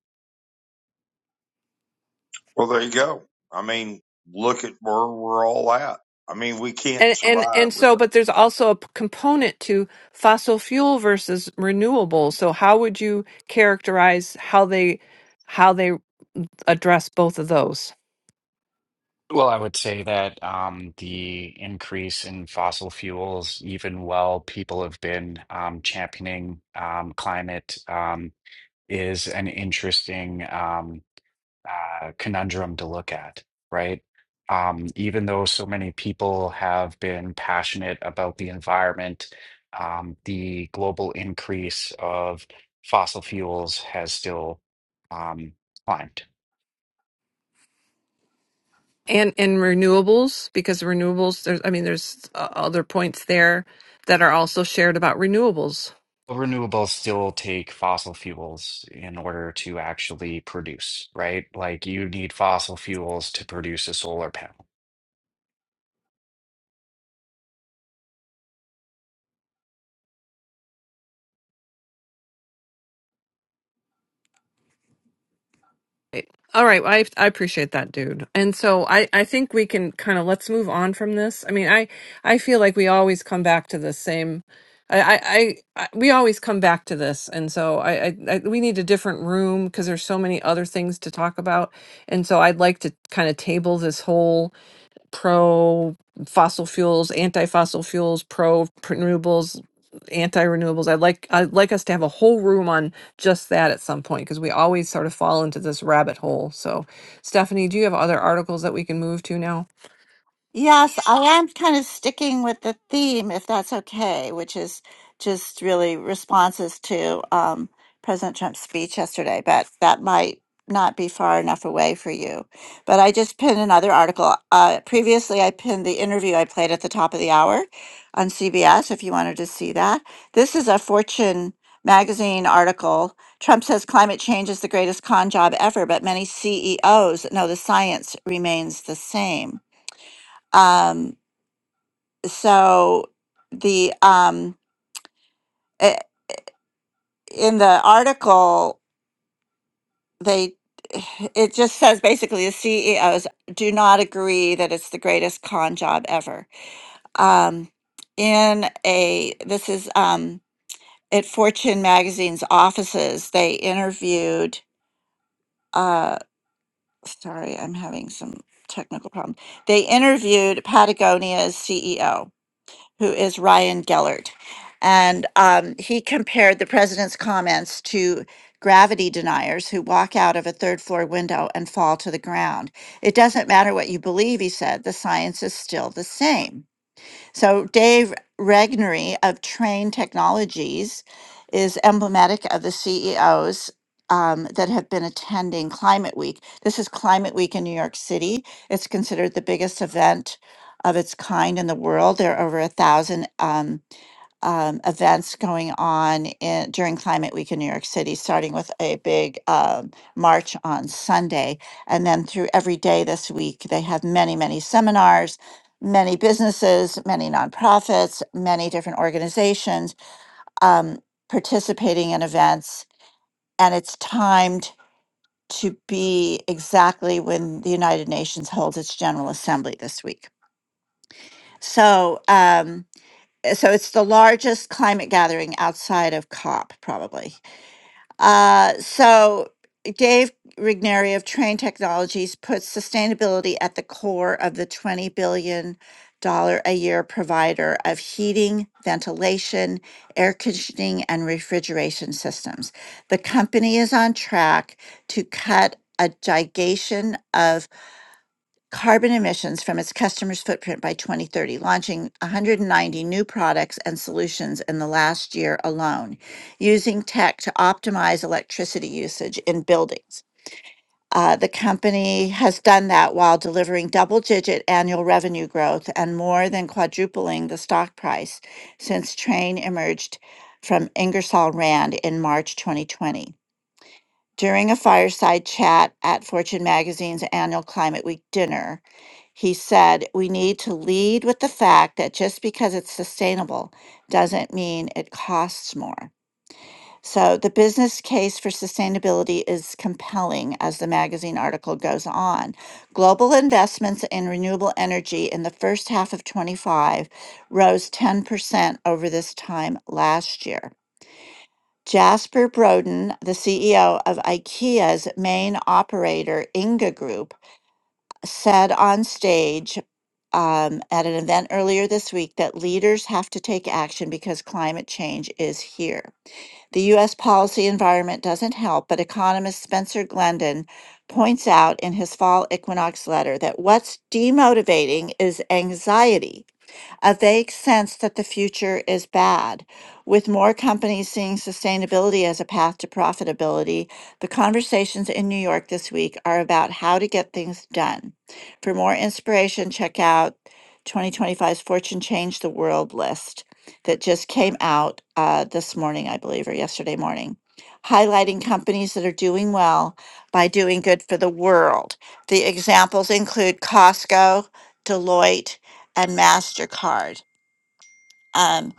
Speaker 5: Well, there you go. I mean, look at where we're all at. I mean, we can't
Speaker 3: And and
Speaker 5: survive
Speaker 3: and
Speaker 5: with
Speaker 3: so,
Speaker 5: it.
Speaker 3: but there's also a p- component to fossil fuel versus renewable. So how would you characterize how they how they address both of those?
Speaker 6: Well, I would say that um, the increase in fossil fuels, even while people have been um, championing um, climate, um, is an interesting. um, uh, conundrum to look at, right? Um, even though so many people have been passionate about the environment, um, the global increase of fossil fuels has still um, climbed.
Speaker 3: And and renewables, because renewables, there's I mean, there's uh, other points there that are also shared about renewables.
Speaker 6: Renewables still take fossil fuels in order to actually produce, right? Like you need fossil fuels to produce a solar panel.
Speaker 3: Right. All right. well, I I appreciate that, dude. And so I I think we can kind of let's move on from this. I mean, I I feel like we always come back to the same. I I, I I- we always come back to this, and so I I, I we need a different room because there's so many other things to talk about. And so I'd like to kind of table this whole pro fossil fuels, anti fossil fuels, pro renewables, anti renewables. I'd like I'd like us to have a whole room on just that at some point because we always sort of fall into this rabbit hole. So, Stephanie, do you have other articles that we can move to now?
Speaker 2: Yes, I am kind of sticking with the theme, if that's okay, which is just really responses to um, President Trump's speech yesterday, but that might not be far enough away for you. But I just pinned another article. Uh, previously, I pinned the interview I played at the top of the hour on CBS, if you wanted to see that. This is a Fortune magazine article. Trump says climate change is the greatest con job ever, but many CEOs know the science remains the same. Um, so the um, i- in the article they it just says basically the CEOs do not agree that it's the greatest con job ever. Um, in a this is um, at Fortune magazine's offices they interviewed. Uh, sorry, I'm having some technical problem. They interviewed Patagonia's CEO who is Ryan Gellert. And um, he compared the president's comments to gravity deniers who walk out of a third floor window and fall to the ground. It doesn't matter what you believe, he said, the science is still the same. So Dave Regnery of Train Technologies is emblematic of the CEOs um, that have been attending Climate Week. This is Climate Week in New York City. It's considered the biggest event of its kind in the world. There are over a thousand. um, um, events going on in, during Climate Week in New York City, starting with a big um, march on Sunday. And then through every day this week, they have many, many seminars, many businesses, many nonprofits, many different organizations um, participating in events. And it's timed to be exactly when the United Nations holds its General Assembly this week. So, um, uh, so it's the largest climate gathering outside of COP, probably. Uh, so Dave Rigneri of Train Technologies puts sustainability at the core of the twenty billion dollar a year provider of heating, ventilation, air conditioning, and refrigeration systems. The company is on track to cut a gigation of carbon emissions from its customers' footprint by 2030, launching 190 new products and solutions in the last year alone, using tech to optimize electricity usage in buildings. Uh, the company has done that while delivering double digit annual revenue growth and more than quadrupling the stock price since Train emerged from Ingersoll Rand in March 2020. During a fireside chat at Fortune Magazine's annual Climate Week dinner, he said, we need to lead with the fact that just because it's sustainable doesn't mean it costs more. So the business case for sustainability is compelling as the magazine article goes on. Global investments in renewable energy in the first half of 25 rose 10% over this time last year. Jasper Broden, the CEO of IKEA's main operator, Inga Group, said on stage um, at an event earlier this week that leaders have to take action because climate change is here. The U.S. policy environment doesn't help, but economist Spencer Glendon points out in his fall equinox letter that what's demotivating is anxiety a vague sense that the future is bad. With more companies seeing sustainability as a path to profitability, the conversations in New York this week are about how to get things done. For more inspiration, check out 2025's Fortune Change the World list that just came out uh, this morning, I believe, or yesterday morning, highlighting companies that are doing well by doing good for the world. The examples include Costco, Deloitte, and MasterCard. Um,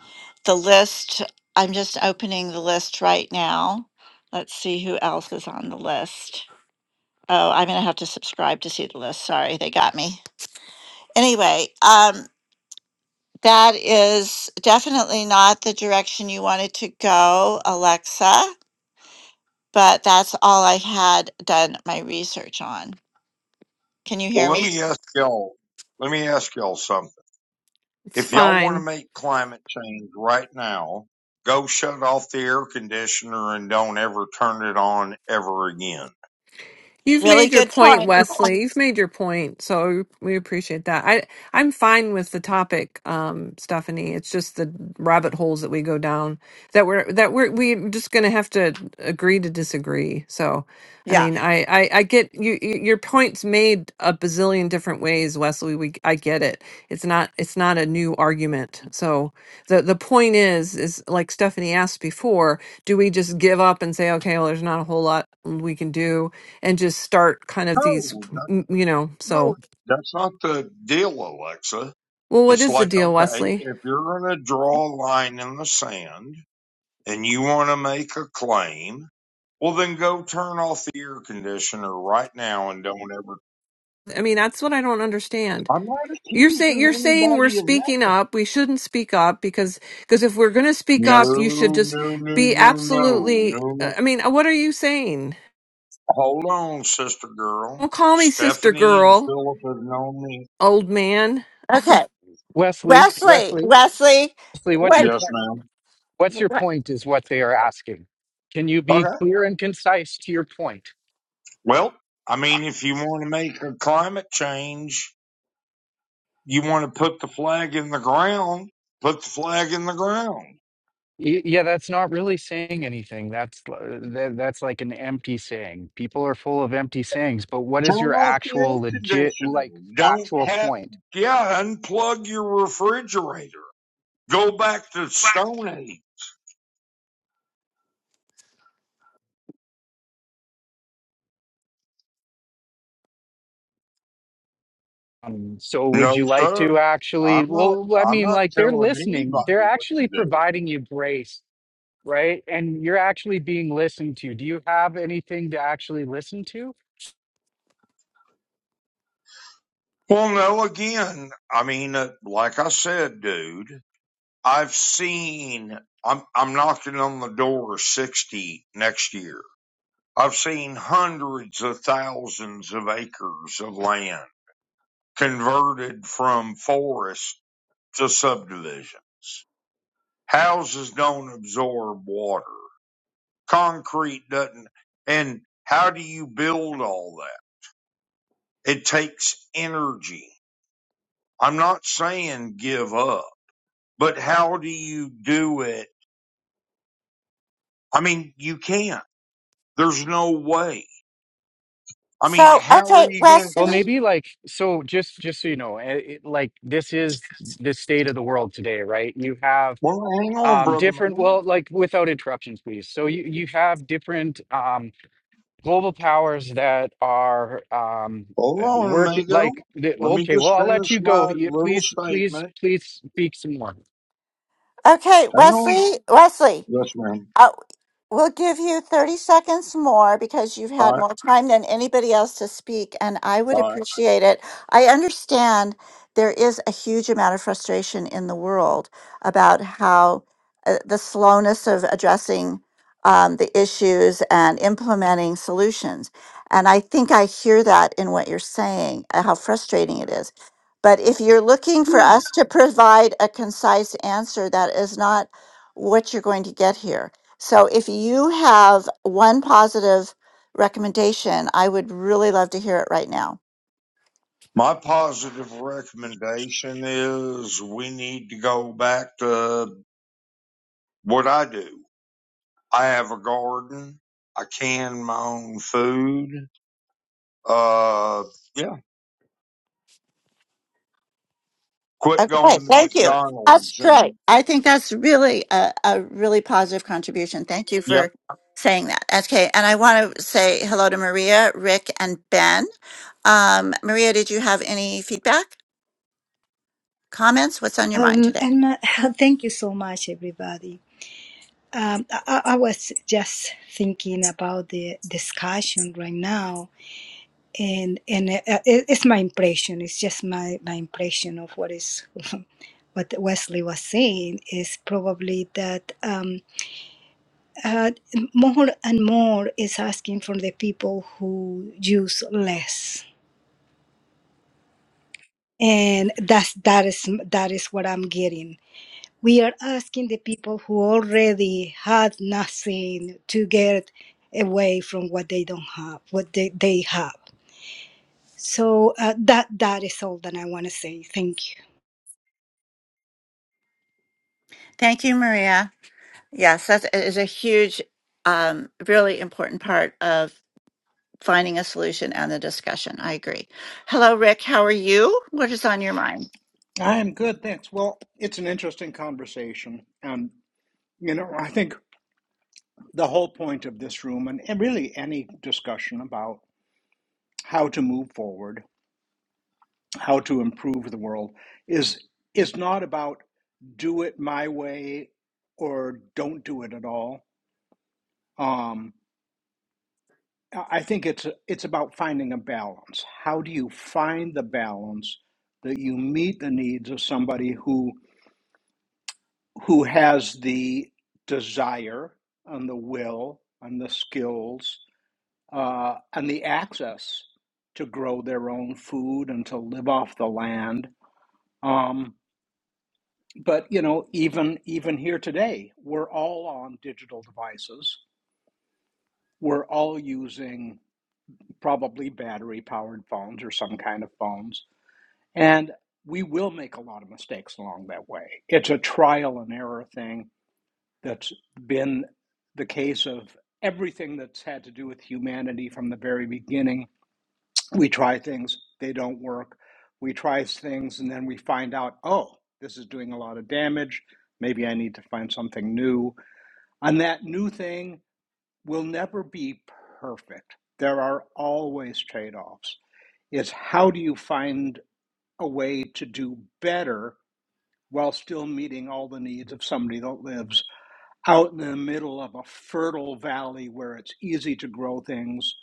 Speaker 2: the list, I'm just opening the list right now. Let's see who else is on the list. Oh, I'm going to have to subscribe to see the list. Sorry, they got me. Anyway, um, that is definitely not the direction you wanted to go, Alexa, but that's all I had done my research on. Can you hear
Speaker 5: Well, let
Speaker 2: me?
Speaker 5: me
Speaker 2: Yes.
Speaker 5: ask y'all, let me ask y'all something.
Speaker 3: It's
Speaker 5: If y'all want
Speaker 3: fine.
Speaker 5: to make climate change right now, go shut off the air conditioner and don't ever turn it on ever again.
Speaker 3: You've made your point, Wesley. You've made your point, so we appreciate that. I I'm fine with the topic, um, Stephanie. It's just the rabbit holes that we go down that we're that we're we're just gonna have to agree to disagree. So, I mean, I I, I get you y- your point's made a bazillion different ways, Wesley. We I get it. It's not it's not a new argument. So the the point is is like Stephanie asked before, do we just give up and say okay, well there's not a whole lot we can do and just start kind of these
Speaker 5: No, that,
Speaker 3: m- you know,
Speaker 5: no,
Speaker 3: so
Speaker 5: that's not the deal, Alexa.
Speaker 3: well what
Speaker 5: It's
Speaker 3: is the
Speaker 5: like,
Speaker 3: deal,
Speaker 5: okay,
Speaker 3: Wesley?
Speaker 5: if you're going to draw a line in the sand and you want to make a claim, Well, then go turn off the air conditioner right now and don't ever.
Speaker 3: I mean, that's what I don't understand.
Speaker 5: I'm not
Speaker 3: You're saying
Speaker 5: accusing
Speaker 3: you're saying we're
Speaker 5: anybody of
Speaker 3: speaking
Speaker 5: nothing.
Speaker 3: up. We shouldn't speak up because because if we're going to speak
Speaker 5: No,
Speaker 3: up, you should just
Speaker 5: no, no,
Speaker 3: be
Speaker 5: no, no,
Speaker 3: absolutely
Speaker 5: no,
Speaker 3: uh,
Speaker 5: no.
Speaker 3: i mean uh, what are you saying
Speaker 5: Hold on, sister girl.
Speaker 3: Don't call me sister
Speaker 5: Stephanie and
Speaker 3: girl,
Speaker 5: Philip have known me.
Speaker 3: old man.
Speaker 6: Wesley, Wesley, Wesley, what's your
Speaker 5: Yes,
Speaker 6: point?
Speaker 5: ma'am.
Speaker 6: What's your point is what they are asking. Can you be
Speaker 5: Okay.
Speaker 6: clear and concise to your point?
Speaker 5: Well, I mean, if you want to make a climate change, you want to put the flag in the ground, put the flag in the ground.
Speaker 6: Y- Yeah, that's not really saying anything. That's l- tha- that's like an empty saying. People are full of empty sayings, but what
Speaker 5: Turn
Speaker 6: is your
Speaker 5: off the
Speaker 6: actual
Speaker 5: air
Speaker 6: legit
Speaker 5: conditioner.
Speaker 6: like
Speaker 5: Don't
Speaker 6: actual
Speaker 5: have,
Speaker 6: point?
Speaker 5: yeah, unplug your refrigerator. Go back to Stone Age.
Speaker 6: Um, so would
Speaker 5: No,
Speaker 6: you like
Speaker 5: sir.
Speaker 6: to actually
Speaker 5: I'm not,
Speaker 6: well I
Speaker 5: I'm
Speaker 6: mean
Speaker 5: not
Speaker 6: like they're
Speaker 5: telling
Speaker 6: listening. They're
Speaker 5: anybody what to
Speaker 6: actually
Speaker 5: do.
Speaker 6: providing you grace, right? And you're actually being listened to. Do you have anything to actually listen to?
Speaker 5: Well, no, again, I mean, uh, like I said, dude, I've seen, I'm, I'm knocking on the door of 60 next year. I've seen hundreds of thousands of acres of land converted from forest to subdivisions. Houses don't absorb water. Concrete doesn't. And how do you build all that? It takes energy. I'm not saying give up, but how do you do it? I mean, you can't. There's no way. I mean, how are you going? to?
Speaker 6: Well, maybe like so just just so you know, eh, it, like this is the state of the world today, right? You have
Speaker 5: Well, hang on,
Speaker 6: um
Speaker 5: brother
Speaker 6: different
Speaker 5: man.
Speaker 6: well, like without interruptions, please. So you you have different um global powers that are um
Speaker 5: Hold on,
Speaker 6: work
Speaker 5: amigo.
Speaker 6: like the,
Speaker 5: Let me
Speaker 6: okay,
Speaker 5: just
Speaker 6: well, I'll let
Speaker 5: finish
Speaker 6: you go.
Speaker 5: my
Speaker 6: You-
Speaker 5: little
Speaker 6: Please please
Speaker 5: statement.
Speaker 6: please speak some more.
Speaker 5: Hang on. Yes, ma'am.
Speaker 2: You seconds. once more because you've
Speaker 5: All
Speaker 2: had
Speaker 5: right.
Speaker 2: more time than anybody else to speak, and I would
Speaker 5: All right.
Speaker 2: appreciate it. I understand there is a huge amount of frustration in the world about how uh, the slowness of addressing um, the issues and implementing solutions. And I think I hear that in what you're saying, uh, how frustrating it is. But if you're looking for us to provide a concise answer, that is not what you're going to get here so if you have one positive recommendation, I would really love to hear it right now.
Speaker 5: My positive recommendation is we need to go back to what I do. I have a garden. I can my own food. Uh, yeah. Quit going to McDonald's and
Speaker 2: I think that's really a, a really positive contribution. Thank you
Speaker 5: yep.
Speaker 2: for saying that. Okay. And I want to say hello to Maria, Rick, and Ben. Um, Maria, did you have any feedback, comments? What's on your mind
Speaker 7: Um,
Speaker 2: today?
Speaker 7: and uh, thank you so much, everybody. Um, I, I was just thinking about the discussion right now, and and uh, uh, it, it's my impression. It's just my my impression of what is what Wesley was saying is probably that um, uh, more and more is asking from the people who use less, and that's that is that is what I'm getting we are asking the people who already had nothing to get away from what they don't have, what they, they have. So uh, that that is all that I want to say. Thank you.
Speaker 2: Thank you, Maria. Yes, that is a huge, um, really important part of. finding a solution and the discussion. I agree. Hello, Rick. How are you? What is on your mind?
Speaker 8: I am good, thanks. Well, it's an interesting conversation. And, you know, I think the whole point of this room and, and really any discussion about how to move forward, how to improve the world is is not about do it my way or don't do it at all. Um, I I think it's it's about finding a balance. How do you find the balance that you meet the needs of somebody who who has the desire and the will and the skills uh, and the access to grow their own food and to live off the land. Um, but you know, even even here today, we're all on digital devices. We're all using probably battery-powered phones or some kind of phones, and we will make a lot of mistakes along that way. It's a trial and error thing That's been the case of everything that's had to do with humanity from the very beginning. We try things, they don't work. We try things, and then we find out, oh, this is doing a lot of damage. Maybe I need to find something new. And that new thing will never be perfect. There are always trade offs. It's how do you find a way to do better while still meeting all the needs of somebody that lives out in the middle of a fertile valley where it's easy to grow things,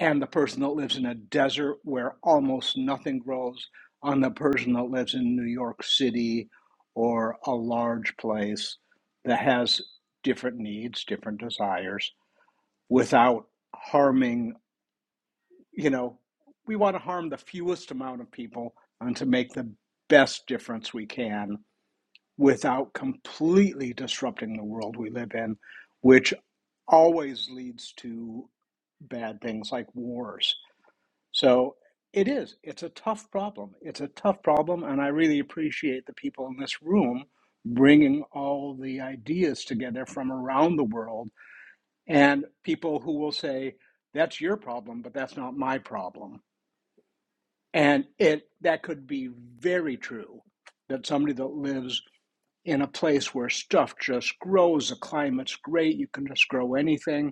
Speaker 8: and the person that lives in a desert where almost nothing grows, on the person that lives in New York City or a large place that has different needs, different desires, without harming, you know, we want to harm the fewest amount of people and to make the best difference we can without completely disrupting the world we live in which always leads to bad things like wars. So it is. It's a tough problem. It's a tough problem, and I really appreciate the people in this room bringing all the ideas together from around the world and people who will say, that's your problem, but that's not my problem. And it that could be very true that somebody that lives in a place where stuff just grows, the climate's great, you can just grow anything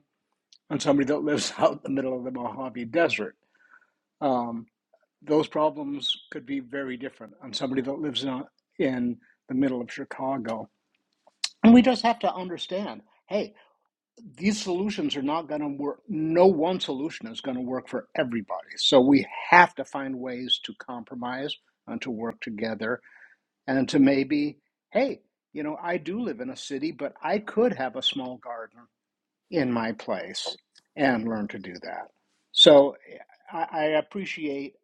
Speaker 8: on somebody that lives out in the middle of the Mojave Desert. Um, those problems could be very different on somebody that lives in, in the middle of Chicago. And we just have to understand hey, these solutions are not going to work. No one solution is going to work for everybody. So we have to find ways to compromise and to work together and to maybe, hey, you know, I do live in a city, but I could have a small garden in my place and learn to do that. So I, I appreciate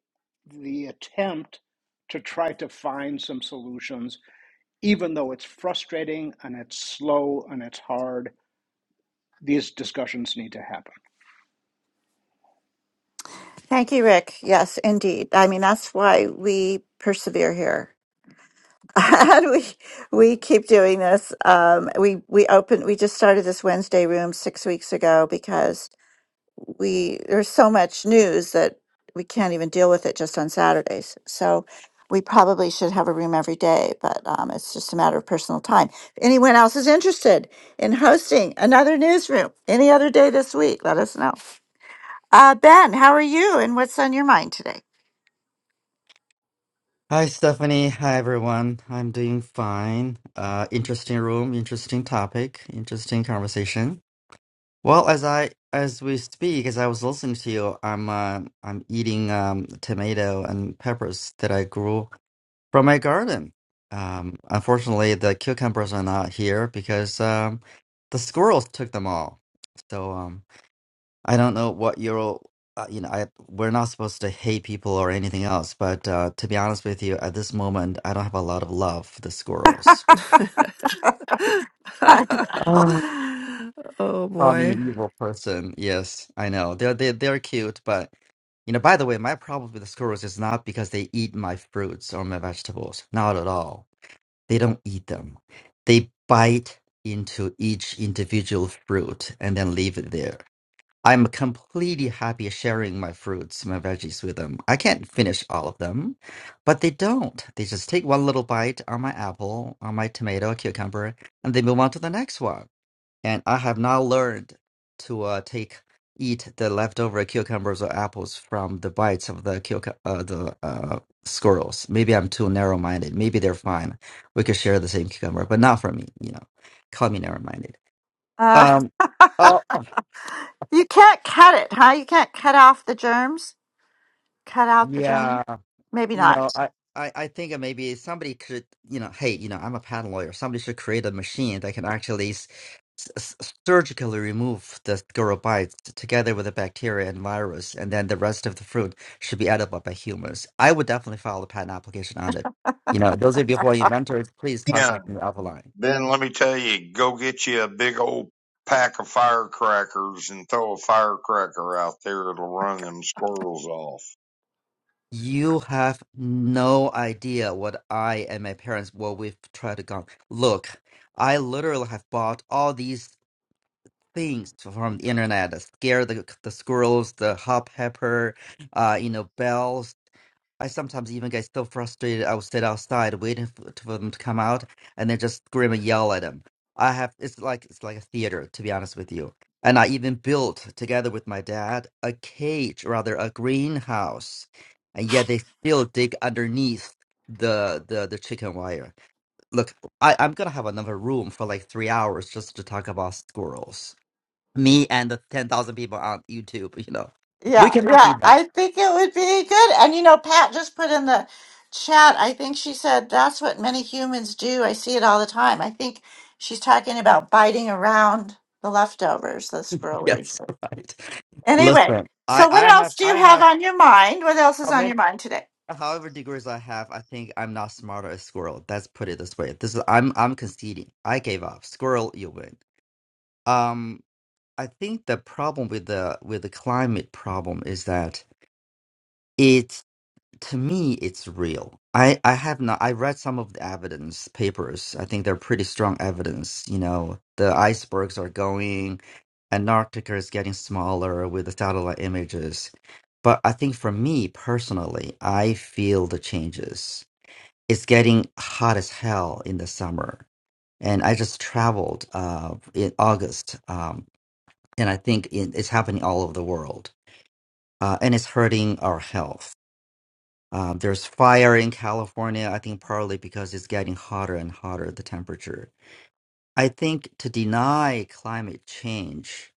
Speaker 8: the attempt to try to find some solutions, even though it's frustrating and it's slow and it's hard. These discussions need to happen.
Speaker 2: Thank you, Rick. Yes, indeed. I mean, that's why we persevere here. and we we keep doing this. Um, we we opened we just started this Wednesday room six weeks ago we there's so much news that we can't even deal with it just on Saturdays. So we probably should have a room every day, but um, it's just a matter of personal time. If anyone else is interested in hosting another newsroom any other day this week, let us know. Uh, ben, how are you and what's on your mind today?
Speaker 9: Hi, Stephanie. Hi, everyone. I'm doing fine. Uh, interesting room, interesting topic, interesting conversation. Well, as I as we speak, as I was listening to you, I'm uh, I'm eating um, tomato and peppers that I grew from my garden. Um, unfortunately, the cucumbers are not here because um, the squirrels took them all. So um, I don't know what you're all, uh, you know, I, we're not supposed to hate people or anything else, but uh, to be honest with you, at this moment, I don't have a lot of love for the squirrels. Ah,
Speaker 3: oh
Speaker 9: I'm
Speaker 3: boy.
Speaker 9: an evil person. Yes, I know. They're, they're, they're cute, but, you know, by the way, my problem with the squirrels is not because they eat my fruits or my vegetables. Not at all. They don't eat them. They bite into each individual fruit and then leave it there. I'm completely happy sharing my fruits, my veggies with them. I can't finish all of them, but they don't. They just take one little bite on my apple, on my tomato, cucumber, and they move on to the next one. And I have now learned to uh, take eat the leftover cucumbers or apples from the bites of the cuc- uh, the uh, squirrels. Maybe I'm too narrow-minded. Maybe they're fine. We could share the same cucumber, but not for me. You know, call me narrow-minded.
Speaker 2: Uh,
Speaker 9: Um. Oh
Speaker 2: you can't cut it, huh? You can't cut off the germs? Cut out the germ?
Speaker 9: yeah.
Speaker 2: Maybe
Speaker 9: you
Speaker 2: not.
Speaker 9: know, I, I, I think that maybe somebody could, you know, hey, you know, I'm a patent lawyer. Somebody should create a machine that can actually s- s- surgically remove the squirrel bites together with the bacteria and virus, and then the rest of the fruit should be edible by humans. I would definitely file a patent application on it. You know, those of you who are inventors, please
Speaker 5: Yeah.
Speaker 9: contact me offline.
Speaker 5: Then let me tell you, go get you a big old pack of firecrackers and throw a firecracker out there. It'll run them squirrels off.
Speaker 9: You have no idea what I and my parents, what we've tried to go. Look, I literally have bought all these. things from the internet that scare the the squirrels, the hopper, uh, you know, bells. I sometimes even get so frustrated. I will sit outside waiting for, for them to come out, and then just scream and yell at them. I have it's like it's like a theater, to be honest with you. And I even built together with my dad a cage, rather a greenhouse, and yet they still dig underneath the the the chicken wire. Look, I, I'm gonna have another room for like three hours just to talk about squirrels me and the 10,000 people on YouTube, you know. We cannot be that.
Speaker 2: Put it chat. I think she said that's what many humans do. I see it all the time. I think she's talking about biting around leftovers, squirrel weed.
Speaker 9: Yes, right. Listen, I, I have, I have how many, however degrees I have, I think I'm not smarter as squirrel. Let's put it this way. This is, I'm, I'm conceding. I gave up. Squirrel, you win. Um, I think the problem with the, with the climate problem is that to me it's real i i have not i read some of the evidence papers i think they're pretty strong evidence you know the icebergs are going antarctica is getting smaller with the satellite images but i think for me personally i feel the changes it's getting hot as hell in the summer and i just traveled uh in august um and i think it, it's happening all over the world uh, and it's hurting our health um, there's fire in California, I think partly because it's getting hotter and hotter, the temperature. I think to deny climate change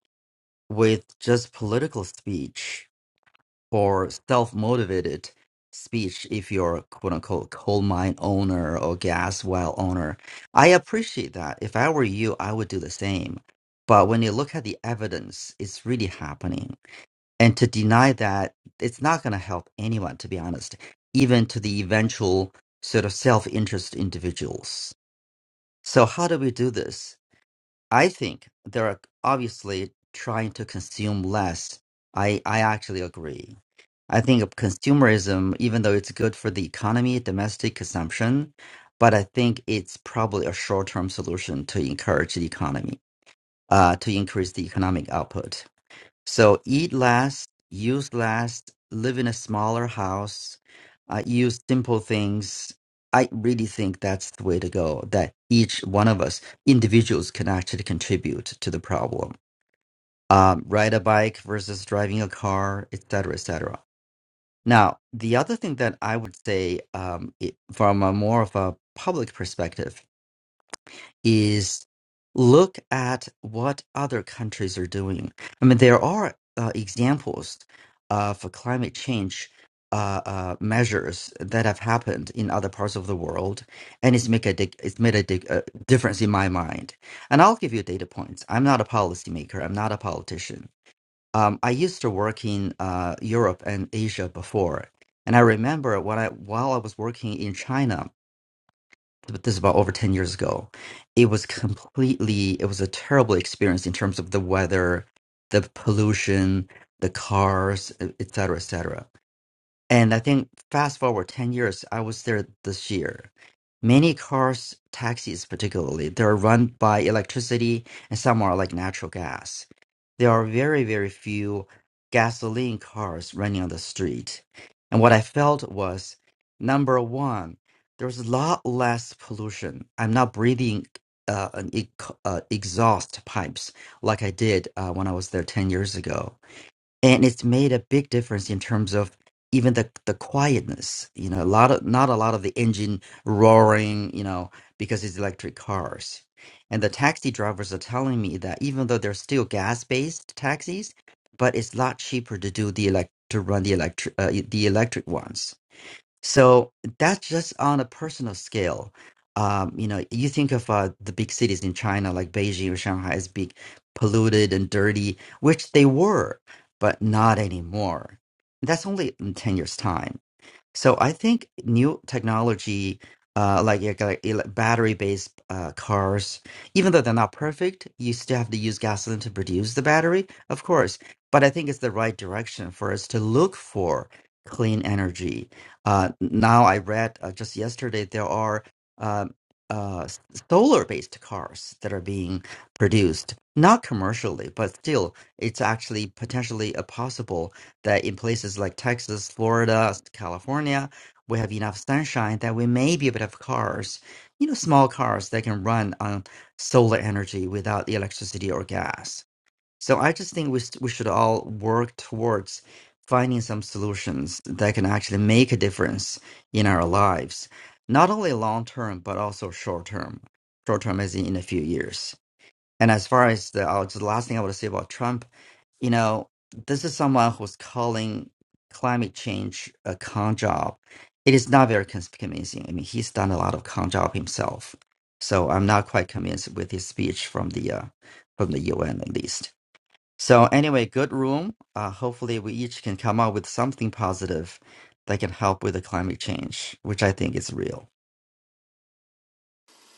Speaker 9: with just political speech or self motivated speech, if you're a quote unquote coal mine owner or gas well owner, I appreciate that. If I were you, I would do the same. But when you look at the evidence, it's really happening and to deny that it's not going to help anyone to be honest even to the eventual sort of self-interest individuals so how do we do this i think they're like, obviously trying to consume less i i actually agree i think of consumerism even though it's good for the economy domestic consumption but i think it's probably a short-term solution to encourage the economy uh, to increase the economic output so eat last, use last, live in a smaller house, uh, use simple things. I really think that's the way to go, that each one of us, individuals, can actually contribute to the problem. Um, ride a bike versus driving a car, et cetera, et cetera. Now, the other thing that I would say um, it, from a more of a public perspective is look at what other countries are doing. I mean, there are uh, examples of climate change uh, uh, measures that have happened in other parts of the world, and it's make a dig- it's made a, dig- a difference in my mind. And I'll give you data points. I'm not a policymaker. I'm not a politician. Um, I used to work in uh, Europe and Asia before, and I remember when I while I was working in China but this is about over 10 years ago it was completely it was a terrible experience in terms of the weather the pollution the cars e- et cetera et cetera and i think fast forward 10 years i was there this year Many cars, taxis particularly, they're run by electricity and some are like natural gas. There are very, very few gasoline cars running on the street. And what I felt was number one, there's a lot less pollution. I'm not breathing uh, an e- uh, exhaust pipes like I did uh, when I was there 10 years ago and it's made a big difference in terms of even the the quietness you know a lot of not a lot of the engine roaring you know because it's electric cars and the taxi drivers are telling me that even though they're still gas based taxis but it's a lot cheaper to do the elect to run the electric uh, the electric ones so that's just on a personal scale. Um, you know, you think of uh, the big cities in China, like Beijing or Shanghai, as big, polluted and dirty, which they were, but not anymore. That's only in 10 years' time. So I think new technology, uh, like, like, like ele- battery-based uh, cars, even though they're not perfect, you still have to use gasoline to produce the battery, of course. But I think it's the right direction for us to look for clean energy. Uh, now I read uh, just yesterday there are um uh, s- solar-based cars that are being produced, not commercially, but still, it's actually potentially a possible that in places like Texas, Florida, California, we have enough sunshine that we may be able to have cars, you know, small cars that can run on solar energy without the electricity or gas. So I just think we, s- we should all work towards finding some solutions that can actually make a difference in our lives, not only long term, but also short term. Short term as in, in a few years. And as far as the, I'll just, the last thing I want to say about Trump you know, this is someone who's calling climate change a con job. It is not very cons- convincing. I mean, he's done a lot of con job himself, so I'm not quite convinced with his speech from the uh, from the UN at least. So anyway, good room. Uh, hopefully, we each can come up with something positive that can help with the climate change, which I think is real.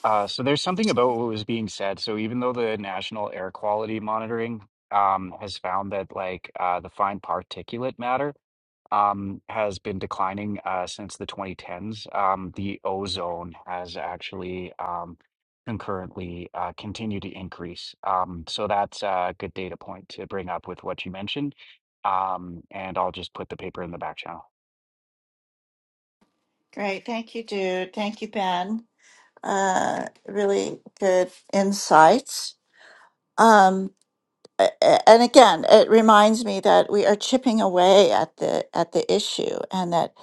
Speaker 6: Uh so there's something about what was being said. So even though the National Air Quality Monitoring um has found that like uh the fine particulate matter um, has been declining uh, since the 2010s. Um, the ozone has actually um, concurrently uh, continued to increase. Um, so that's a good data point to bring up with what you mentioned. Um, and I'll just put the paper in the back channel.
Speaker 2: Great. Thank you, dude. Thank you, Ben. Uh, really good insights. Um, a- a- and again, it reminds me that we are chipping away at the at the issue, and that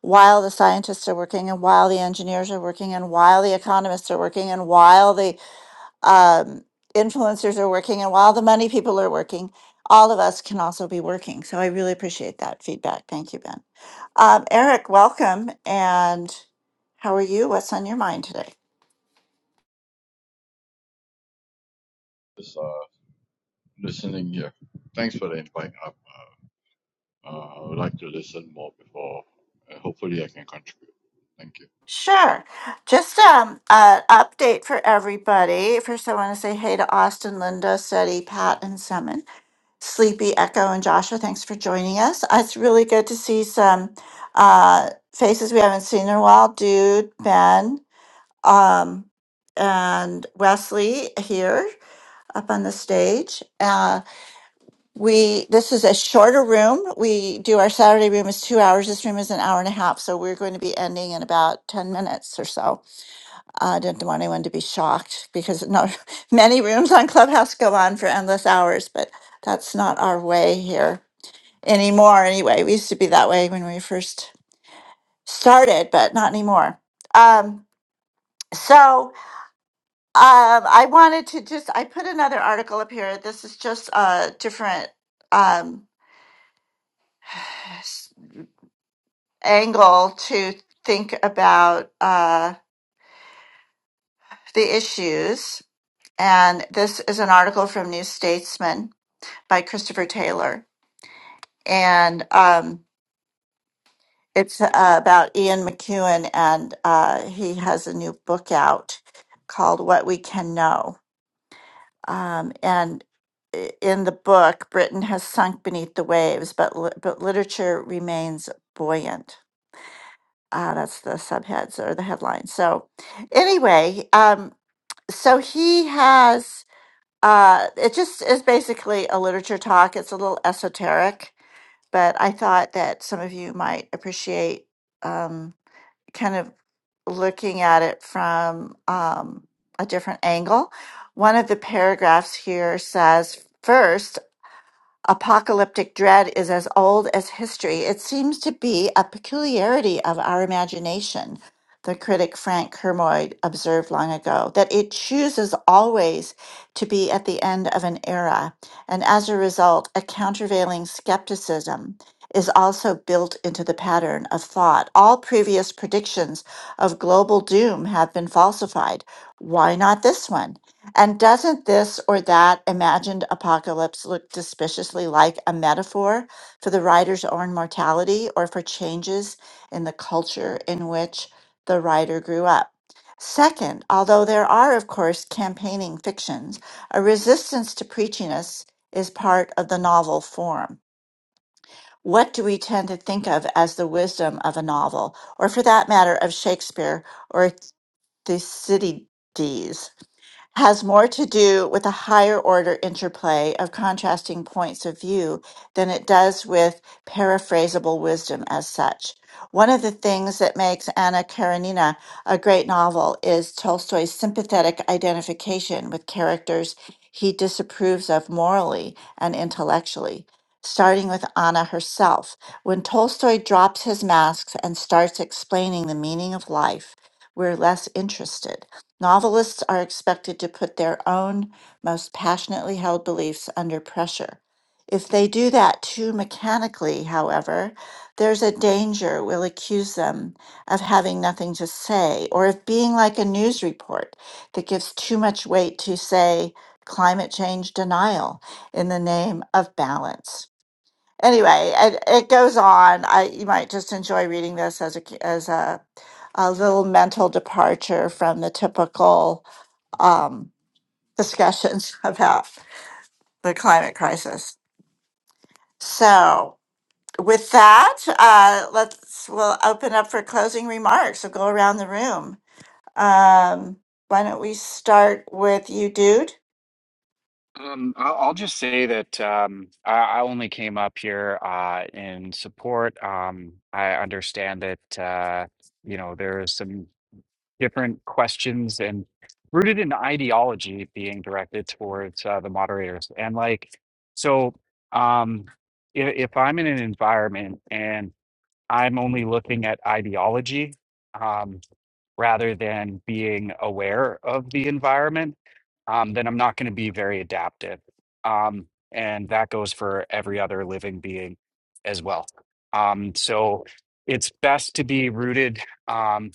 Speaker 2: while the scientists are working, and while the engineers are working, and while the economists are working, and while the um, influencers are working and while the money people are working all of us can also be working so i really appreciate that feedback thank you ben um, eric welcome and how are you what's on your mind today
Speaker 10: Is uh, listening here. Thanks for the invite. I, uh, I would like to listen more before. Uh, hopefully, I can contribute. Thank you.
Speaker 2: sure just um, an update for everybody first i want to say hey to austin linda seti pat and summon sleepy echo and joshua thanks for joining us Uh, it's really good to see some uh, faces we haven't seen in a while dude ben um, and Wesley here up on the stage. Uh, we this is a shorter room. We do our Saturday room is two hours. This room is an hour and a half, so we're going to be ending in about ten minutes or so. I didn't want anyone to be shocked because no, many rooms on Clubhouse go on for endless hours, but that's not our way here anymore. Anyway, we used to be that way when we first started, but not anymore. Um, so Um, I wanted to just I put another article up here. This is just a different um, s- angle to think about uh, the issues. And this is an article from New Statesman by Christopher Taylor, and um, it's uh, about Ian McEwan, and uh, he has a new book out called "What We Can Know." Um, and i- in the book, Britain has sunk beneath the waves, but li- but literature remains buoyant. Ah, that's the subheads or the headline. So, anyway, um, so he has. Uh, it just is basically a literature talk. It's a little esoteric, but I thought that some of you might appreciate. Um, kind of looking at it from um, a different angle. One of the paragraphs here says, first Apocalyptic dread is as old as history. It seems to be a peculiarity of our imagination, the critic Frank Kermode observed long ago, that it chooses always to be at the end of an era, and as a result, a countervailing skepticism is also built into the pattern of thought. All previous predictions of global doom have been falsified. Why not this one? And doesn't this or that imagined apocalypse look suspiciously like a metaphor for the writer's own mortality or for changes in the culture in which the writer grew up? Second, although there are, of course, campaigning fictions, a resistance to preachiness is part of the novel form. What do we tend to think of as the wisdom of a novel, or for that matter, of Shakespeare or Thucydides? has more to do with a higher order interplay of contrasting points of view than it does with paraphrasable wisdom as such. One of the things that makes Anna Karenina a great novel is Tolstoy's sympathetic identification with characters he disapproves of morally and intellectually. Starting with Anna herself, when Tolstoy drops his masks and starts explaining the meaning of life, we're less interested. Novelists are expected to put their own most passionately held beliefs under pressure. If they do that too mechanically, however, there's a danger we'll accuse them of having nothing to say, or of being like a news report that gives too much weight to, say, climate change denial in the name of balance. Anyway, it, it goes on. I, you might just enjoy reading this as a, as a, a little mental departure from the typical um, discussions about the climate crisis. So, with that, uh, let's we'll open up for closing remarks. We'll go around the room. Um, why don't we start with you, dude?
Speaker 6: Um, I'll, I'll just say that um, I, I only came up here uh, in support. Um, I understand that uh, you know there is some different questions and rooted in ideology being directed towards uh, the moderators. And like, so um, if, if I'm in an environment and I'm only looking at ideology um, rather than being aware of the environment, um, then I'm not going to be very adaptive. Um, and that goes for every other living being as well. Um, so it's best to be rooted. Um,